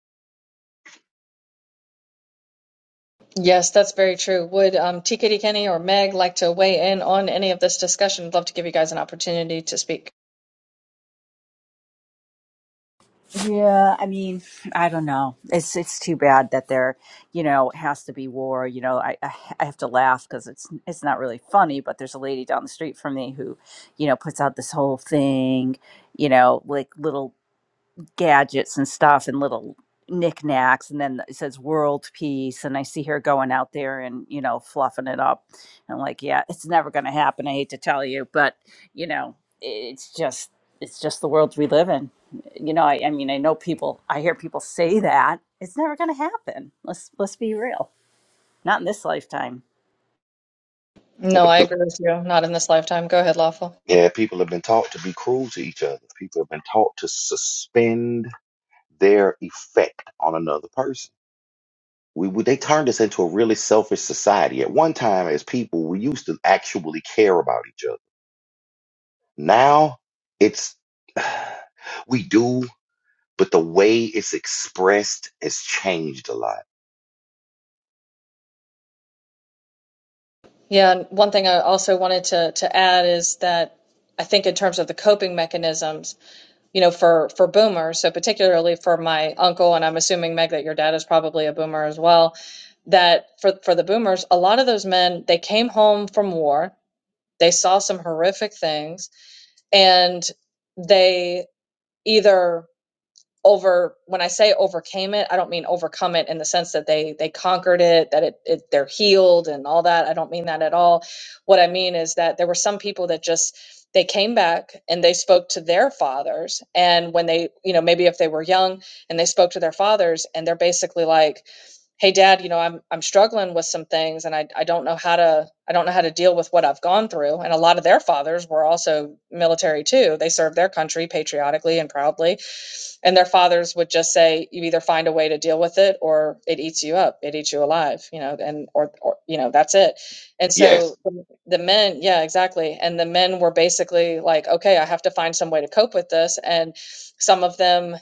[SPEAKER 1] Yes, that's very true. Would um, TKD Kenny or Meg like to weigh in on any of this discussion? I'd love to give you guys an opportunity to speak.
[SPEAKER 2] Yeah, I mean, I don't know. It's it's too bad that there, you know, has to be war. You know, I I I have to laugh because it's it's not really funny. But there's a lady down the street from me who, you know, puts out this whole thing, you know, like little gadgets and stuff and little knickknacks and then it says world peace and i see her going out there and you know fluffing it up and like yeah it's never going to happen i hate to tell you but you know it's just it's just the world we live in you know i, I mean i know people i hear people say that it's never going to happen let's let's be real not in this lifetime
[SPEAKER 3] Well,
[SPEAKER 1] No, I
[SPEAKER 3] Because,
[SPEAKER 1] agree with you. Not in this lifetime. Go ahead, Lawful.
[SPEAKER 3] yeah, people have been taught to be cruel to each other. People have been taught to suspend their effect on another person. We, we they turned us into a really selfish society. At one time, as people, we used to actually care about each other. Now, it's we do, but the way it's expressed has changed a lot
[SPEAKER 1] Yeah, and one thing I also wanted to to add is that I think in terms of the coping mechanisms, you know, for for boomers, so particularly for my uncle, and I'm assuming Meg that your dad is probably a boomer as well. That for for the boomers, a lot of those men they came home from war, they saw some horrific things, and they either over when i say overcame it i don't mean overcome it in the sense that they they conquered it that it, it they're healed and all that i don't mean that at all what i mean is that there were some people that just they came back and they spoke to their fathers and when they you know maybe if they were young and they spoke to their fathers and they're basically like hey dad you know i'm i'm struggling with some things and i i don't know how to i don't know how to deal with what i've gone through and a lot of their fathers were also military too they served their country patriotically and proudly and their fathers would just say, you either find a way to deal with it or it eats you up, it eats you alive, you know, and, or, or you know, that's it. And so
[SPEAKER 3] Yes.
[SPEAKER 1] the men, yeah, exactly. And the men were basically like, okay, I have to find some way to cope with this. And some of them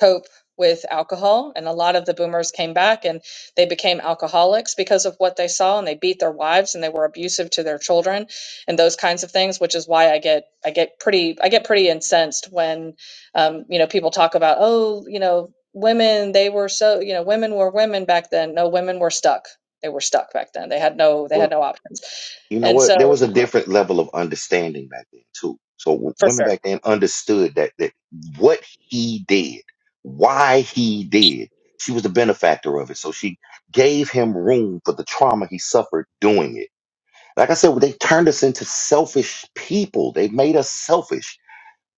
[SPEAKER 1] cope with alcohol. And a lot of the boomers came back and they became alcoholics because of what they saw and they beat their wives and they were abusive to their children and those kinds of things, which is why I get I get pretty I get pretty incensed when um, you know, people talk about, oh, you know, women, they were so, you know, women were women back then. No, women were stuck. They were stuck back then. They had no, they had
[SPEAKER 3] Well,
[SPEAKER 1] no options.
[SPEAKER 3] you know
[SPEAKER 1] And
[SPEAKER 3] what? There
[SPEAKER 1] so
[SPEAKER 3] was a different level of understanding back then too. So w-
[SPEAKER 1] for
[SPEAKER 3] women
[SPEAKER 1] sure.
[SPEAKER 3] back then understood that that what he did, why he did, she was the benefactor of it. So she gave him room for the trauma he suffered doing it. Like I said, they turned us into selfish people. They made us selfish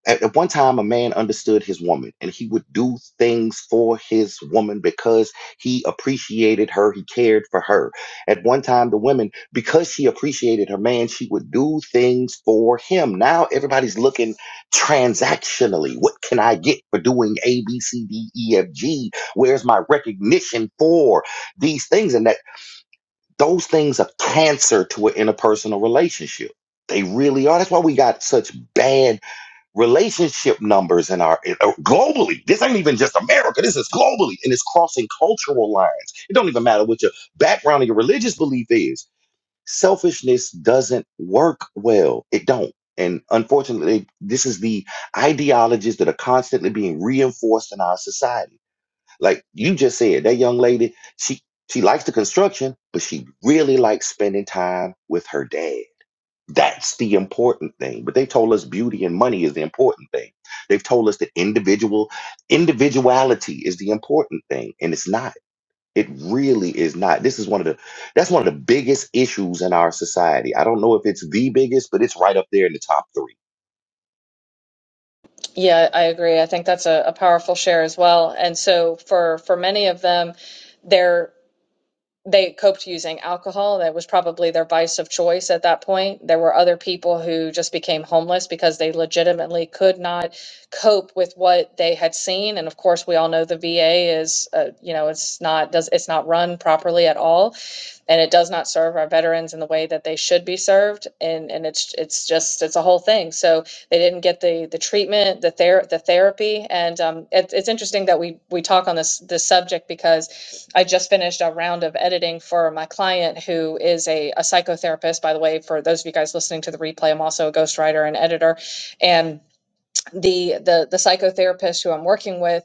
[SPEAKER 3] At, at one time, a man understood his woman and he would do things for his woman because he appreciated her. He cared for her. At one time, the women, because she appreciated her man, she would do things for him. Now everybody's looking transactionally. What can I get for doing A, B, C, D, E, F, G? Where's my recognition for these things? And that those things are cancer to an interpersonal relationship. They really are. That's why we got such bad relationship numbers in our uh, globally. This ain't even just America. This is globally, and it's crossing cultural lines. It don't even matter what your background or your religious belief is. Selfishness doesn't work well. It don't. And unfortunately, this is the ideologies that are constantly being reinforced in our society. Like you just said, that young lady, she she likes the construction, but she really likes spending time with her dad. That's the important thing. But they told us beauty and money is the important thing. They've told us that individual individuality is the important thing, and it's not. It really is not. This is one of the that's one of the biggest issues in our society. I don't know if it's the biggest, but it's right up there in the top three.
[SPEAKER 1] Yeah, I agree. I think that's a, a powerful share as well. And so for, for many of them, they're they coped using alcohol. That was probably their vice of choice at that point. There were other people who just became homeless because they legitimately could not cope with what they had seen. And of course, we all know the VA is, uh, you know, it's not does it's not run properly at all and it does not serve our veterans in the way that they should be served and and it's it's just it's a whole thing so they didn't get the the treatment the ther- the therapy and um it, it's interesting that we we talk on this this subject because i just finished a round of editing for my client who is a, a psychotherapist by the way for those of you guys listening to the replay i'm also a ghostwriter and editor and the the the psychotherapist who i'm working with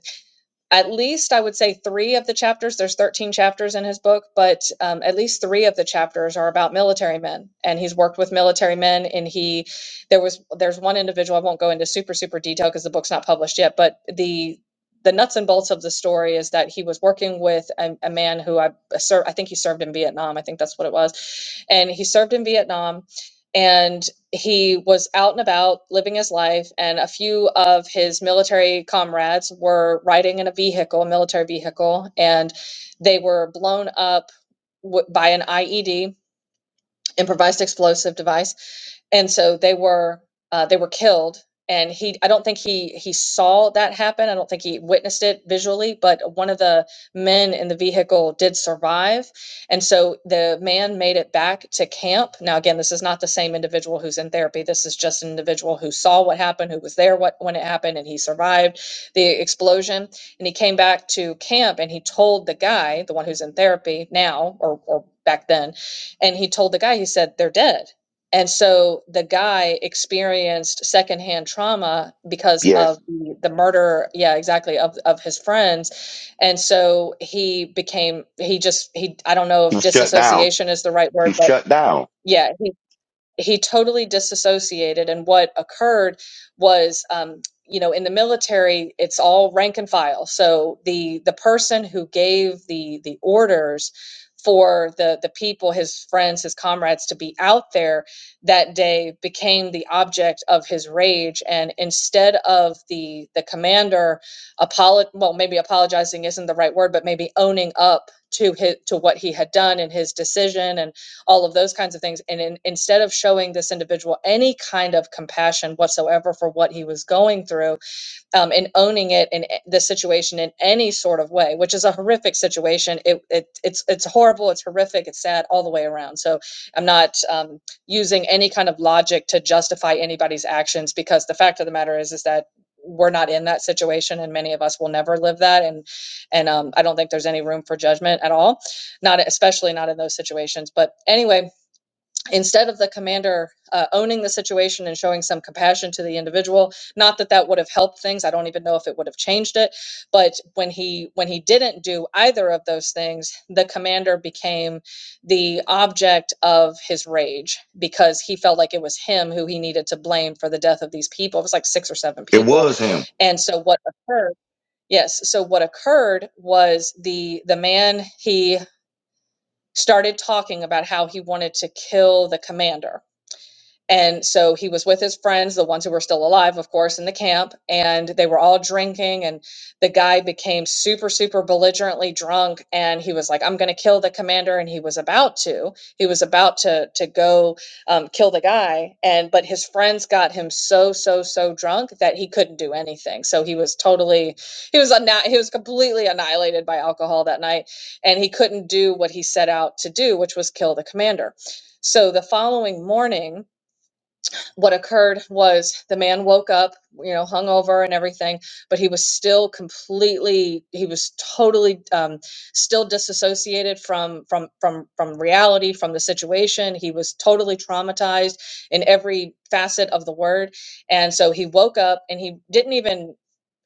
[SPEAKER 1] at least I would say three of the chapters, there's 13 chapters in his book, but um, at least three of the chapters are about military men. And he's worked with military men. And he, there was, there's one individual, I won't go into super, super detail because the book's not published yet, but the, the nuts and bolts of the story is that he was working with a, a man who I served, I think he served in Vietnam. I think that's what it was. And he served in Vietnam. And he was out and about living his life, and a few of his military comrades were riding in a vehicle, a military vehicle, and they were blown up w- by an IED, improvised explosive device and so they were uh, they were killed and he i don't think he he saw that happen i don't think he witnessed it visually but one of the men in the vehicle did survive and so the man made it back to camp now again this is not the same individual who's in therapy this is just an individual who saw what happened who was there what, when it happened and he survived the explosion and he came back to camp and he told the guy the one who's in therapy now or, or back then and he told the guy he said they're dead and so the guy experienced secondhand trauma because of
[SPEAKER 3] Yes,
[SPEAKER 1] the, the murder, yeah, exactly, of, of his friends. And so he became, he just, he, I don't know if
[SPEAKER 3] he shut down.
[SPEAKER 1] disassociation is the right
[SPEAKER 3] He
[SPEAKER 1] word, but
[SPEAKER 3] shut down.
[SPEAKER 1] yeah, he he totally disassociated and what occurred was um, you know in the military it's all rank and file so the the person who gave the the orders for the the people his friends his comrades to be out there that day became the object of his rage and instead of the the commander apolo- well maybe apologizing isn't the right word but maybe owning up to his to what he had done and his decision and all of those kinds of things. And in, instead of showing this individual any kind of compassion whatsoever for what he was going through, um, and owning it in a- the situation in any sort of way, which is a horrific situation. It, it it's it's horrible, it's horrific, it's sad all the way around. So I'm not um, using any kind of logic to justify anybody's actions because the fact of the matter is is that we're not in that situation and many of us will never live that and and um, i don't think there's any room for judgment at all not especially not in those situations but anyway instead of the commander uh, owning the situation and showing some compassion to the individual not that that would have helped things i don't even know if it would have changed it but when he when he didn't do either of those things the commander became the object of his rage because he felt like it was him who he needed to blame for the death of these people it was like six or seven
[SPEAKER 3] It
[SPEAKER 1] people
[SPEAKER 3] was him.
[SPEAKER 1] and so what occurred yes so what occurred was the the man he started talking about how he wanted to kill the commander and so he was with his friends, the ones who were still alive, of course, in the camp, and they were all drinking. And the guy became super, super belligerently drunk. And he was like, I'm going to kill the commander. And he was about to. He was about to, to go um, kill the guy. And, but his friends got him so, so, so drunk that he couldn't do anything. So he was totally, he was, anni- he was completely annihilated by alcohol that night. And he couldn't do what he set out to do, which was kill the commander. So the following morning, what occurred was the man woke up, you know, hungover and everything, but he was still completely, he was totally um, still disassociated from from from from reality, from the situation. He was totally traumatized in every facet of the word, and so he woke up and he didn't even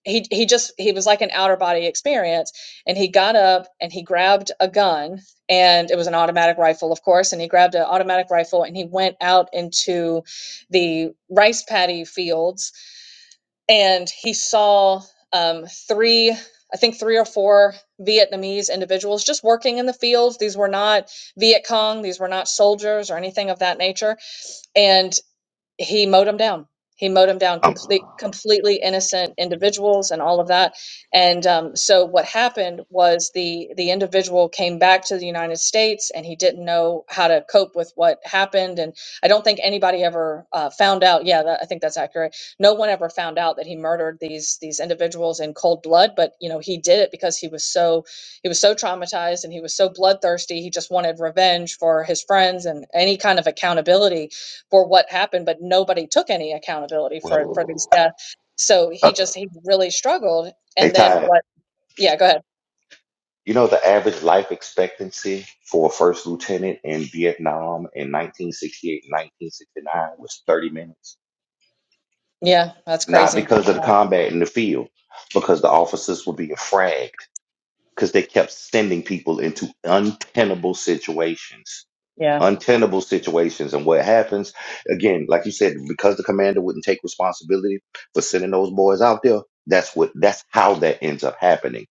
[SPEAKER 1] he he just he was like an outer body experience and he got up and he grabbed a gun and it was an automatic rifle of course and he grabbed an automatic rifle and he went out into the rice paddy fields and he saw um, three i think three or four vietnamese individuals just working in the fields these were not viet cong these were not soldiers or anything of that nature and he mowed them down. He mowed them down,
[SPEAKER 3] Um,
[SPEAKER 1] complete, completely innocent individuals and all of that. And um, so what happened was the the individual came back to the United States, and he didn't know how to cope with what happened. And I don't think anybody ever uh, found out. Yeah, that, I think that's accurate. No one ever found out that he murdered these these individuals in cold blood. But you know, he did it because he was so he was so traumatized and he was so bloodthirsty. He just wanted revenge for his friends and any kind of accountability for what happened, but nobody took any accountability for
[SPEAKER 3] well,
[SPEAKER 1] for these deaths. So
[SPEAKER 3] uh,
[SPEAKER 1] he just he really struggled.
[SPEAKER 3] hey,
[SPEAKER 1] And then
[SPEAKER 3] Ty.
[SPEAKER 1] what? Yeah, go ahead.
[SPEAKER 3] You know the average life expectancy for a first lieutenant in Vietnam in 1968 1969 was 30 minutes.
[SPEAKER 1] Yeah, that's
[SPEAKER 3] Not
[SPEAKER 1] crazy.
[SPEAKER 3] because of the
[SPEAKER 1] Yeah,
[SPEAKER 3] combat in the field, because the officers were being fragged, because they kept sending people into untenable situations.
[SPEAKER 1] yeah,
[SPEAKER 3] Untenable situations. And what happens, again, like you said, because the commander wouldn't take responsibility for sending those boys out there, that's what that's how that ends up happening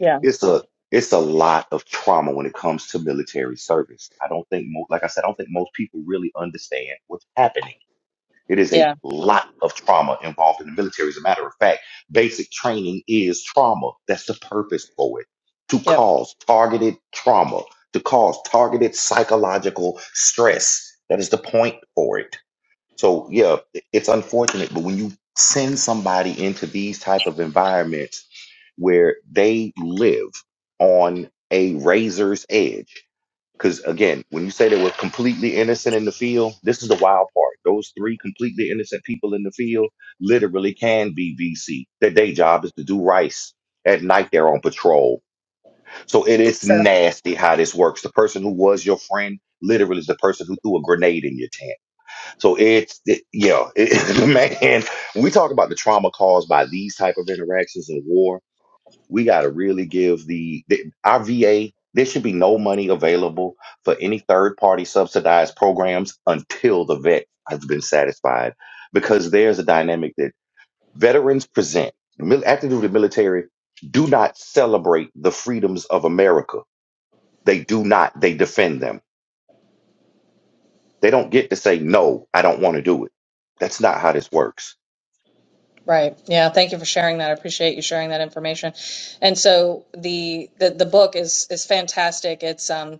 [SPEAKER 1] yeah,
[SPEAKER 3] it's a it's a lot of trauma when it comes to military service. I don't think, mo- like I said, I don't think most people really understand what's happening. It is a
[SPEAKER 1] yeah.
[SPEAKER 3] lot of trauma involved in the military. As a matter of fact, basic training is trauma. That's the purpose for it to
[SPEAKER 1] Yep.
[SPEAKER 3] cause targeted trauma, to cause targeted psychological stress. That is the point for it. So yeah, it- it's unfortunate, but when you send somebody into these type of environments where they live on a razor's edge, because again, when you say they were completely innocent in the field, this is the wild part. Those three completely innocent people in the field literally can be VC. Their day job is to do rice. At night, they're on patrol. So it is
[SPEAKER 1] So.
[SPEAKER 3] nasty how this works. The person who was your friend literally is the person who threw a grenade in your tent so it's it, yeah, it, man. When we talk about the trauma caused by these type of interactions in war, we got to really give the, the our VA. There should be no money available for any third party subsidized programs until the vet has been satisfied, because there's a dynamic that veterans present. The mil- Active duty military do not celebrate the freedoms of America. They do not. They defend them. They don't get to say no. I don't want to do it. That's not how this works
[SPEAKER 1] Right. Yeah. Thank you for sharing that. I appreciate you sharing that information. And so the the, the book is is fantastic. It's um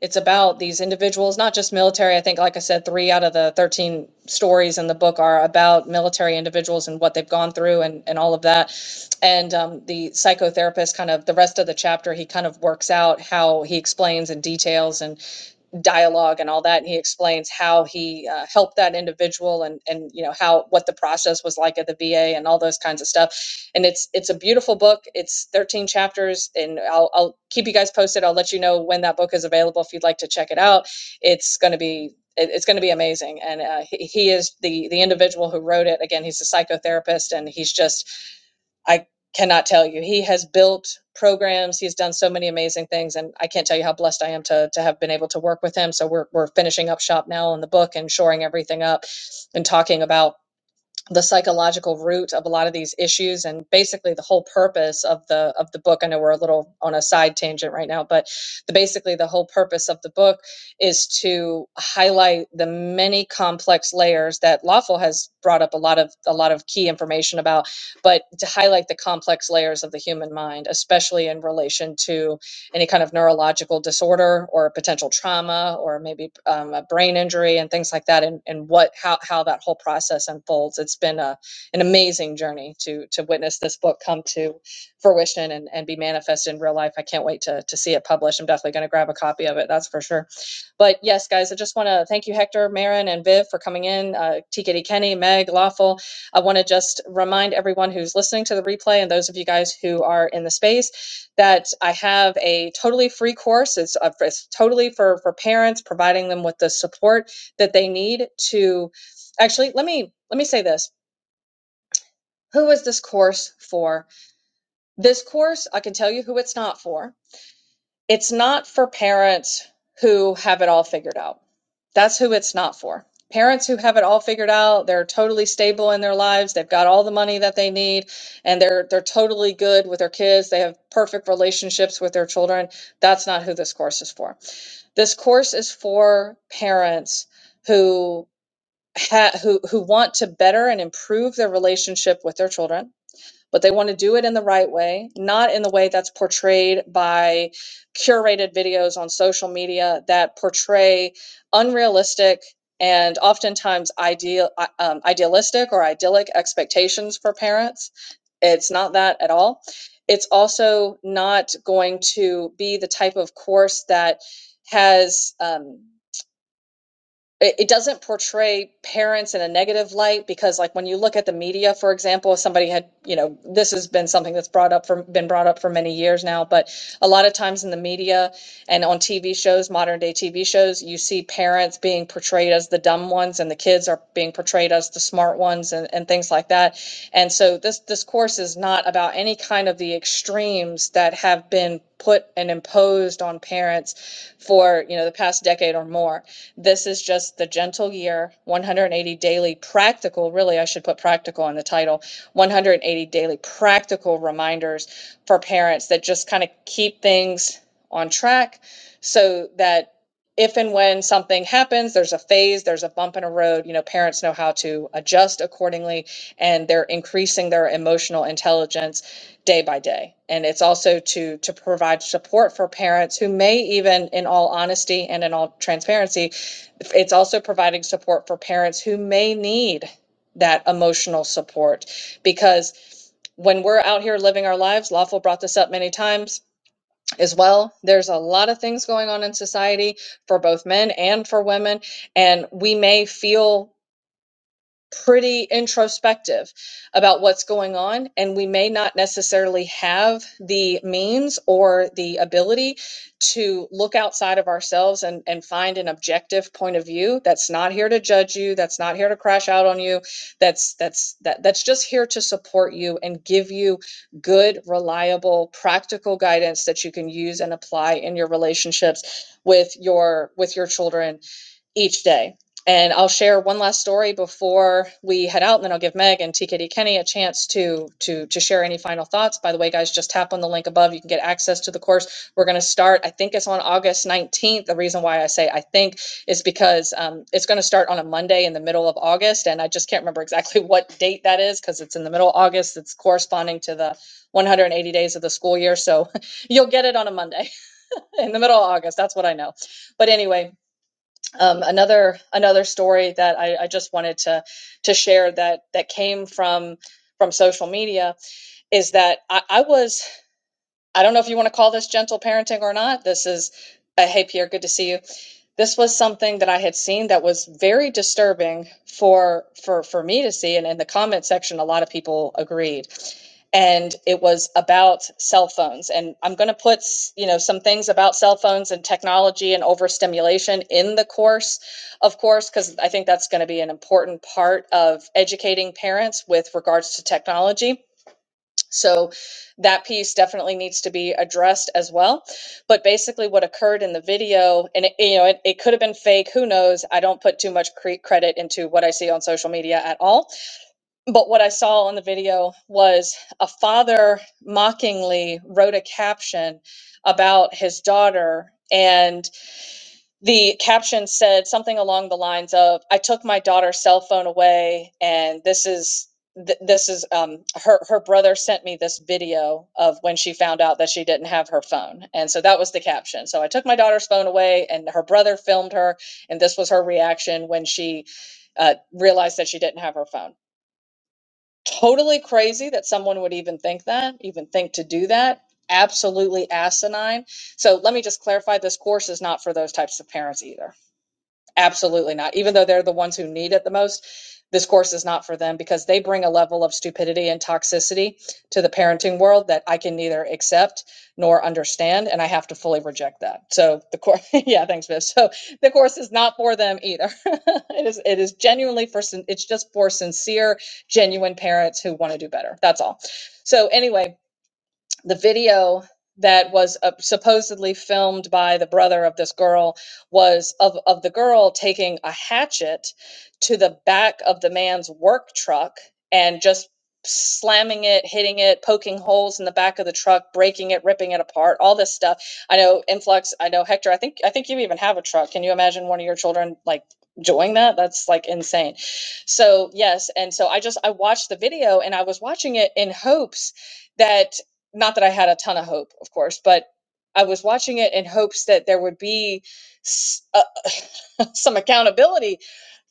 [SPEAKER 1] it's about these individuals, not just military. I think, like I said, three out of the 13 stories in the book are about military individuals and what they've gone through and, and all of that. And um, the psychotherapist, kind of the rest of the chapter, he kind of works out how he explains and details. and dialogue and all that and he explains how he uh, helped that individual and and you know how what the process was like at the VA and all those kinds of stuff and it's it's a beautiful book it's 13 chapters and I'll, I'll keep you guys posted I'll let you know when that book is available if you'd like to check it out it's going to be it's going to be amazing and uh, he, he is the the individual who wrote it again he's a psychotherapist and he's just I cannot tell you. He has built programs. He's done so many amazing things, and I can't tell you how blessed I am to to have been able to work with him. So we're we're finishing up shop now on the book and shoring everything up, and talking about the psychological root of a lot of these issues and basically the whole purpose of the of the book i know we're a little on a side tangent right now but the, basically the whole purpose of the book is to highlight the many complex layers that lawful has brought up a lot of a lot of key information about but to highlight the complex layers of the human mind especially in relation to any kind of neurological disorder or potential trauma or maybe um, a brain injury and things like that and, and what how, how that whole process unfolds it's been a, an amazing journey to to witness this book come to fruition and, and be manifest in real life i can't wait to, to see it published i'm definitely going to grab a copy of it that's for sure but yes, guys, I just want to thank you, Hector, Marin, and Viv for coming in. Uh, TKD Kenny, Meg, Lawful. I want to just remind everyone who's listening to the replay and those of you guys who are in the space that I have a totally free course. It's, uh, it's totally for for parents, providing them with the support that they need to. Actually, let me let me say this. Who is this course for? This course, I can tell you who it's not for it's not for parents who have it all figured out. That's who it's not for. Parents who have it all figured out, they're totally stable in their lives, they've got all the money that they need, and they're they're totally good with their kids, they have perfect relationships with their children. That's not who this course is for. This course is for parents who ha- who who want to better and improve their relationship with their children but they want to do it in the right way, not in the way that's portrayed by curated videos on social media that portray unrealistic and oftentimes ideal uh, um, idealistic or idyllic expectations for parents. It's not that at all. It's also not going to be the type of course that has um, it, it doesn't portray parents in a negative light because like when you look at the media for example if somebody had you know this has been something that's brought up for been brought up for many years now but a lot of times in the media and on tv shows modern day tv shows you see parents being portrayed as the dumb ones and the kids are being portrayed as the smart ones and, and things like that and so this this course is not about any kind of the extremes that have been put and imposed on parents for you know the past decade or more this is just the gentle year, 180 daily practical, really, I should put practical in the title, 180 daily practical reminders for parents that just kind of keep things on track so that if and when something happens, there's a phase, there's a bump in a road, you know, parents know how to adjust accordingly and they're increasing their emotional intelligence day by day. And it's also to to provide support for parents who may even in all honesty and in all transparency it's also providing support for parents who may need that emotional support because when we're out here living our lives, Lawful brought this up many times as well. There's a lot of things going on in society for both men and for women, and we may feel pretty introspective about what's going on and we may not necessarily have the means or the ability to look outside of ourselves and, and find an objective point of view that's not here to judge you that's not here to crash out on you that's that's that, that's just here to support you and give you good reliable practical guidance that you can use and apply in your relationships with your with your children each day. And I'll share one last story before we head out, and then I'll give Meg and TKD Kenny a chance to to to share any final thoughts. By the way, guys, just tap on the link above. You can get access to the course. We're going to start. I think it's on August 19th. The reason why I say I think is because um, it's going to start on a Monday in the middle of August, and I just can't remember exactly what date that is because it's in the middle of August. It's corresponding to the 180 days of the school year, so you'll get it on a Monday in the middle of August. That's what I know. But anyway, um, another another story that I, I just wanted to to share that that came from from social media is that I, I was I don't know if you want to call this gentle parenting or not. This is uh, hey Pierre, good to see you this was something that I had seen that was very disturbing for for for me to see and in the comment section a lot of people agreed and it was about cell phones and I'm going to put you know some things about cell phones and technology and overstimulation in the course of course cuz I think that's going to be an important part of educating parents with regards to technology so that piece definitely needs to be addressed as well. But basically, what occurred in the video, and it, you know, it, it could have been fake. Who knows? I don't put too much cre- credit into what I see on social media at all. But what I saw on the video was a father mockingly wrote a caption about his daughter. and the caption said something along the lines of i took my daughter's cell phone away and this is th- this is um, her her brother sent me this video of when she found out that she didn't have her phone and so that was the caption so i took my daughter's phone away and her brother filmed her and this was her reaction when she uh, realized that she didn't have her phone totally crazy that someone would even think that even think to do that absolutely asinine so let me just clarify this course is not for those types of parents either Absolutely not. Even though they're the ones who need it the most, this course is not for them because they bring a level of stupidity and toxicity to the parenting world that I can neither accept nor understand, and I have to fully reject that. So the course, yeah, thanks, Viv. So the course is not for them either. it is it is genuinely for sin- it's just for sincere, genuine parents who want to do better. That's all. So anyway, the video that was uh, supposedly filmed by the brother of this girl was of, of the girl taking a hatchet to the back of the man's work truck and just slamming it hitting it poking holes in the back of the truck breaking it ripping it apart all this stuff i know influx i know hector i think i think you even have a truck can you imagine one of your children like doing that that's like insane so yes and so i just i watched the video and i was watching it in hopes that not that I had a ton of hope, of course, but I was watching it in hopes that there would be s- uh, some accountability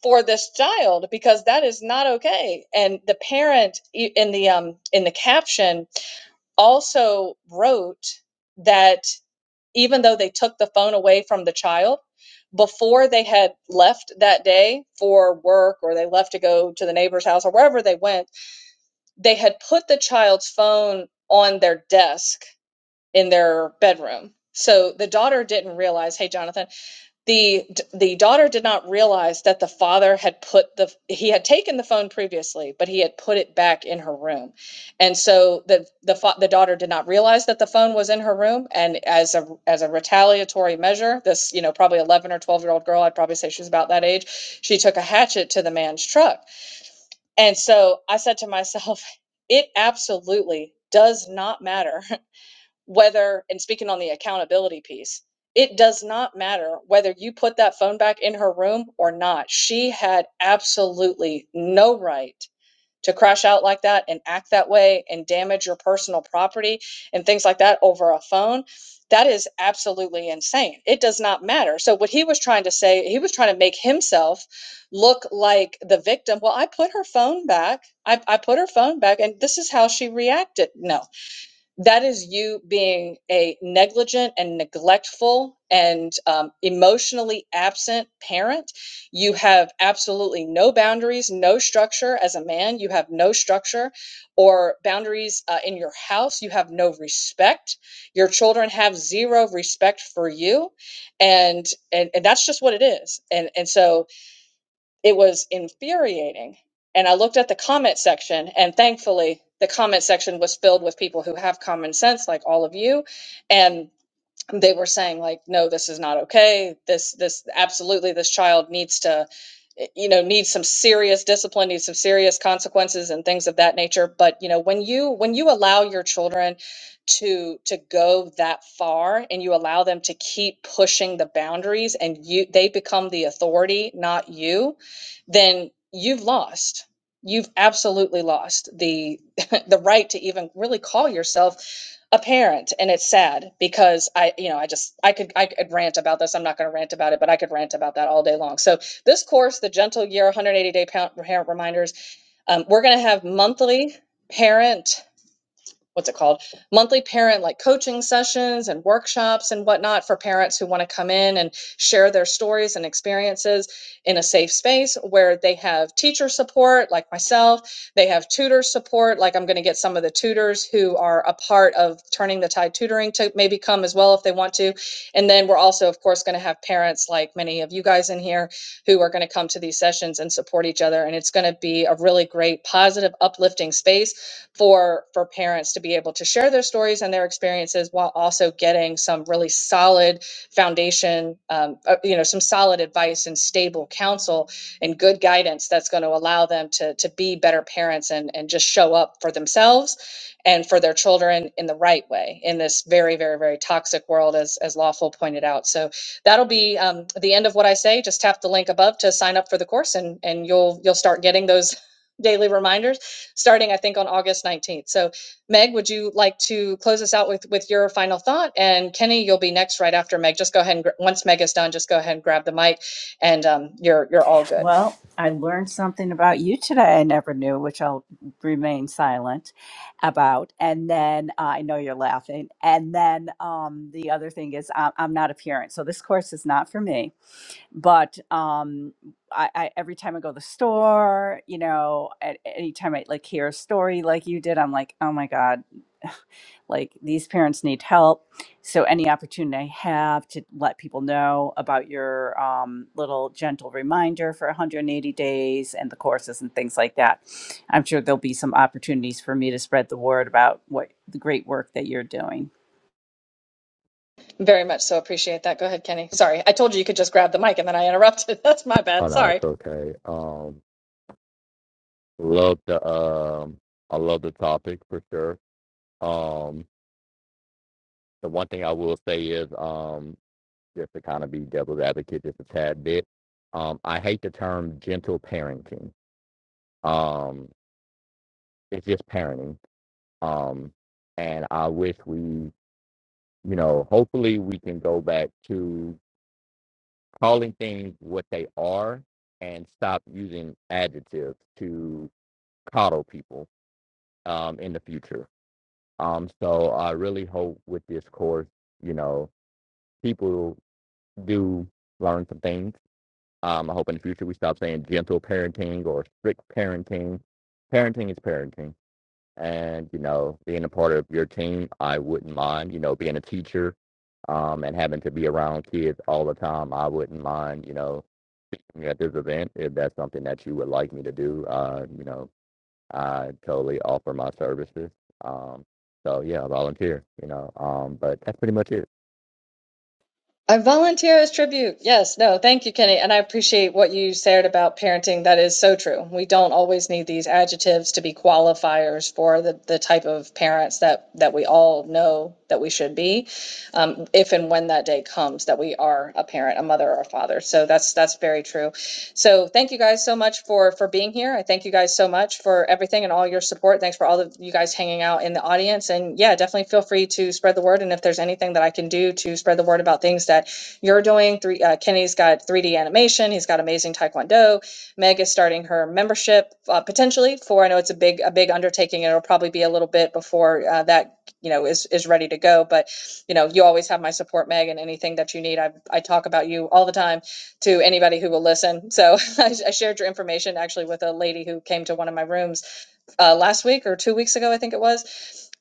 [SPEAKER 1] for this child because that is not okay. And the parent i- in the um in the caption also wrote that even though they took the phone away from the child before they had left that day for work or they left to go to the neighbor's house or wherever they went, they had put the child's phone on their desk in their bedroom. So the daughter didn't realize, hey Jonathan, the the daughter did not realize that the father had put the he had taken the phone previously, but he had put it back in her room. And so the the the daughter did not realize that the phone was in her room and as a as a retaliatory measure, this, you know, probably 11 or 12-year-old girl, I'd probably say she was about that age, she took a hatchet to the man's truck. And so I said to myself, it absolutely does not matter whether and speaking on the accountability piece it does not matter whether you put that phone back in her room or not she had absolutely no right to crash out like that and act that way and damage your personal property and things like that over a phone that is absolutely insane it does not matter so what he was trying to say he was trying to make himself look like the victim well i put her phone back i, I put her phone back and this is how she reacted no that is you being a negligent and neglectful and um, emotionally absent parent. You have absolutely no boundaries, no structure as a man. You have no structure or boundaries uh, in your house. You have no respect. Your children have zero respect for you, and and, and that's just what it is. And and so it was infuriating. And I looked at the comment section, and thankfully, the comment section was filled with people who have common sense, like all of you. And they were saying like no this is not okay this this absolutely this child needs to eh, you know needs some serious discipline needs some serious consequences and things of that nature but you know when you when you allow your children to to go that far and you allow them to keep pushing the boundaries and you they become the authority not you then you've lost you've absolutely lost the the right to even really call yourself a parent and it's sad because i you know i just i could i could rant about this i'm not going to rant about it but i could rant about that all day long so this course the gentle year 180 day parent reminders um, we're going to have monthly parent what's it called monthly parent like coaching sessions and workshops and whatnot for parents who want to come in and share their stories and experiences in a safe space where they have teacher support like myself they have tutor support like i'm going to get some of the tutors who are a part of turning the tide tutoring to maybe come as well if they want to and then we're also of course going to have parents like many of you guys in here who are going to come to these sessions and support each other and it's going to be a really great positive uplifting space for for parents to be able to share their stories and their experiences while also getting some really solid foundation um, uh, you know some solid advice and stable counsel and good guidance that's going to allow them to to be better parents and and just show up for themselves and for their children in the right way in this very very very toxic world as as lawful pointed out so that'll be um, the end of what i say just tap the link above to sign up for the course and and you'll you'll start getting those daily reminders starting, I think, on August 19th. So, Meg, would you like to close us out with, with your final thought? And Kenny, you'll be next right after Meg. Just go ahead and, gr- once Meg is done, just go ahead and grab the mic and um, you're, you're all good.
[SPEAKER 2] Well, I learned something about you today I never knew, which I'll remain silent about. And then uh, I know you're laughing. And then um, the other thing is, i I'm not a parent. So this course is not for me but um I, I every time i go to the store you know at any time i like hear a story like you did i'm like oh my god like these parents need help so any opportunity i have to let people know about your um, little gentle reminder for 180 days and the courses and things like that i'm sure there'll be some opportunities for me to spread the word about what the great work that you're doing
[SPEAKER 1] Very much so. Appreciate that. Go ahead, Kenny. Sorry. I told you you could just grab the mic and then I interrupted. That's my
[SPEAKER 4] Oh
[SPEAKER 1] bad.
[SPEAKER 4] no,
[SPEAKER 1] Sorry.
[SPEAKER 4] it's okay. Um, love the um I love the topic for sure. Um, the one thing I will say is um just to kind of be devil's advocate just a tad bit. Um, I hate the term gentle parenting. Um, it's just parenting. Um, and I wish we, you know, hopefully we can go back to calling things what they are and stop using adjectives to coddle people um, in the future. Um, so I really hope with this course, you know, people do learn some things Um, I hope in the future we stop saying gentle parenting or strict parenting. Parenting is parenting. And, you know, being a part of your team, I wouldn't mind, you know, being a teacher um, and having to be around kids all the time, I wouldn't mind, you know, at this event, if that's something that you would like me to do, uh, you know, I totally offer my services. Um, so yeah, volunteer, you know, um, but that's pretty much it.
[SPEAKER 1] I volunteer as tribute. Yes, no, thank you, Kenny. And I appreciate what you said about parenting. That is so true. We don't always need these adjectives to be qualifiers for the, the type of parents that, that we all know that we should be um, if and when that day comes that we are a parent, a mother or a father. So that's that's very true. So thank you guys so much for for being here. I thank you guys so much for everything and all your support. Thanks for all of you guys hanging out in the audience. And yeah, definitely feel free to spread the word. And if there's anything that I can do to spread the word about things that you're doing, three, uh, Kenny's got 3D animation. He's got amazing taekwondo. Meg is starting her membership uh, potentially for. I know it's a big a big undertaking. It'll probably be a little bit before uh, that you know is is ready to go but you know you always have my support meg and anything that you need i, I talk about you all the time to anybody who will listen so I, I shared your information actually with a lady who came to one of my rooms uh, last week or two weeks ago i think it was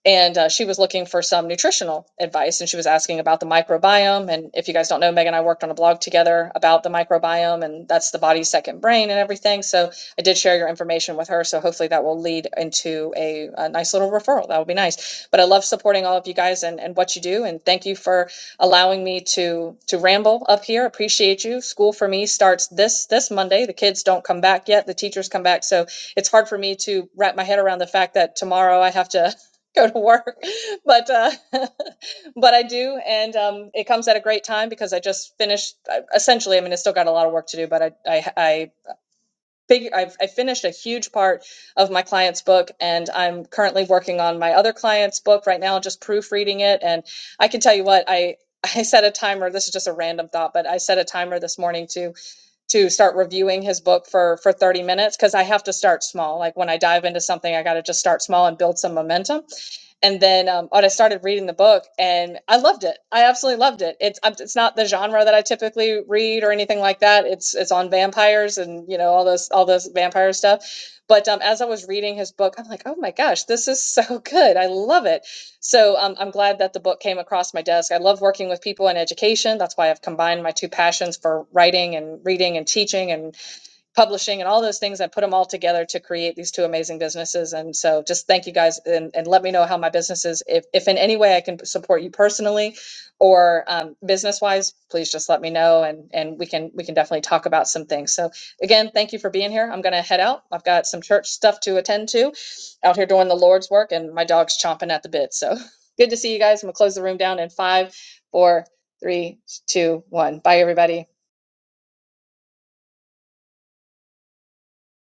[SPEAKER 1] and uh, she was looking for some nutritional advice and she was asking about the microbiome and if you guys don't know meg and i worked on a blog together about the microbiome and that's the body's second brain and everything so i did share your information with her so hopefully that will lead into a, a nice little referral that would be nice but i love supporting all of you guys and, and what you do and thank you for allowing me to to ramble up here appreciate you school for me starts this this monday the kids don't come back yet the teachers come back so it's hard for me to wrap my head around the fact that tomorrow I have to go to work but uh but i do and um it comes at a great time because i just finished I, essentially i mean i still got a lot of work to do but i i i figure I've, i finished a huge part of my client's book and i'm currently working on my other client's book right now just proofreading it and i can tell you what i I set a timer. This is just a random thought, but I set a timer this morning to to start reviewing his book for for 30 minutes because I have to start small. Like when I dive into something, I got to just start small and build some momentum and then um, but I started reading the book and I loved it. I absolutely loved it. It's um, it's not the genre that I typically read or anything like that. It's it's on vampires and you know all those all those vampire stuff. But um, as I was reading his book, I'm like, oh my gosh, this is so good. I love it. So um, I'm glad that the book came across my desk. I love working with people in education. That's why I've combined my two passions for writing and reading and teaching and publishing and all those things. I put them all together to create these two amazing businesses. And so just thank you guys and, and let me know how my businesses, if, if in any way I can support you personally or um, business wise, please just let me know and, and we can, we can definitely talk about some things. So again, thank you for being here. I'm going to head out. I've got some church stuff to attend to out here doing the Lord's work and my dog's chomping at the bit. So good to see you guys. I'm gonna close the room down in five, four, three, two, one. Bye everybody.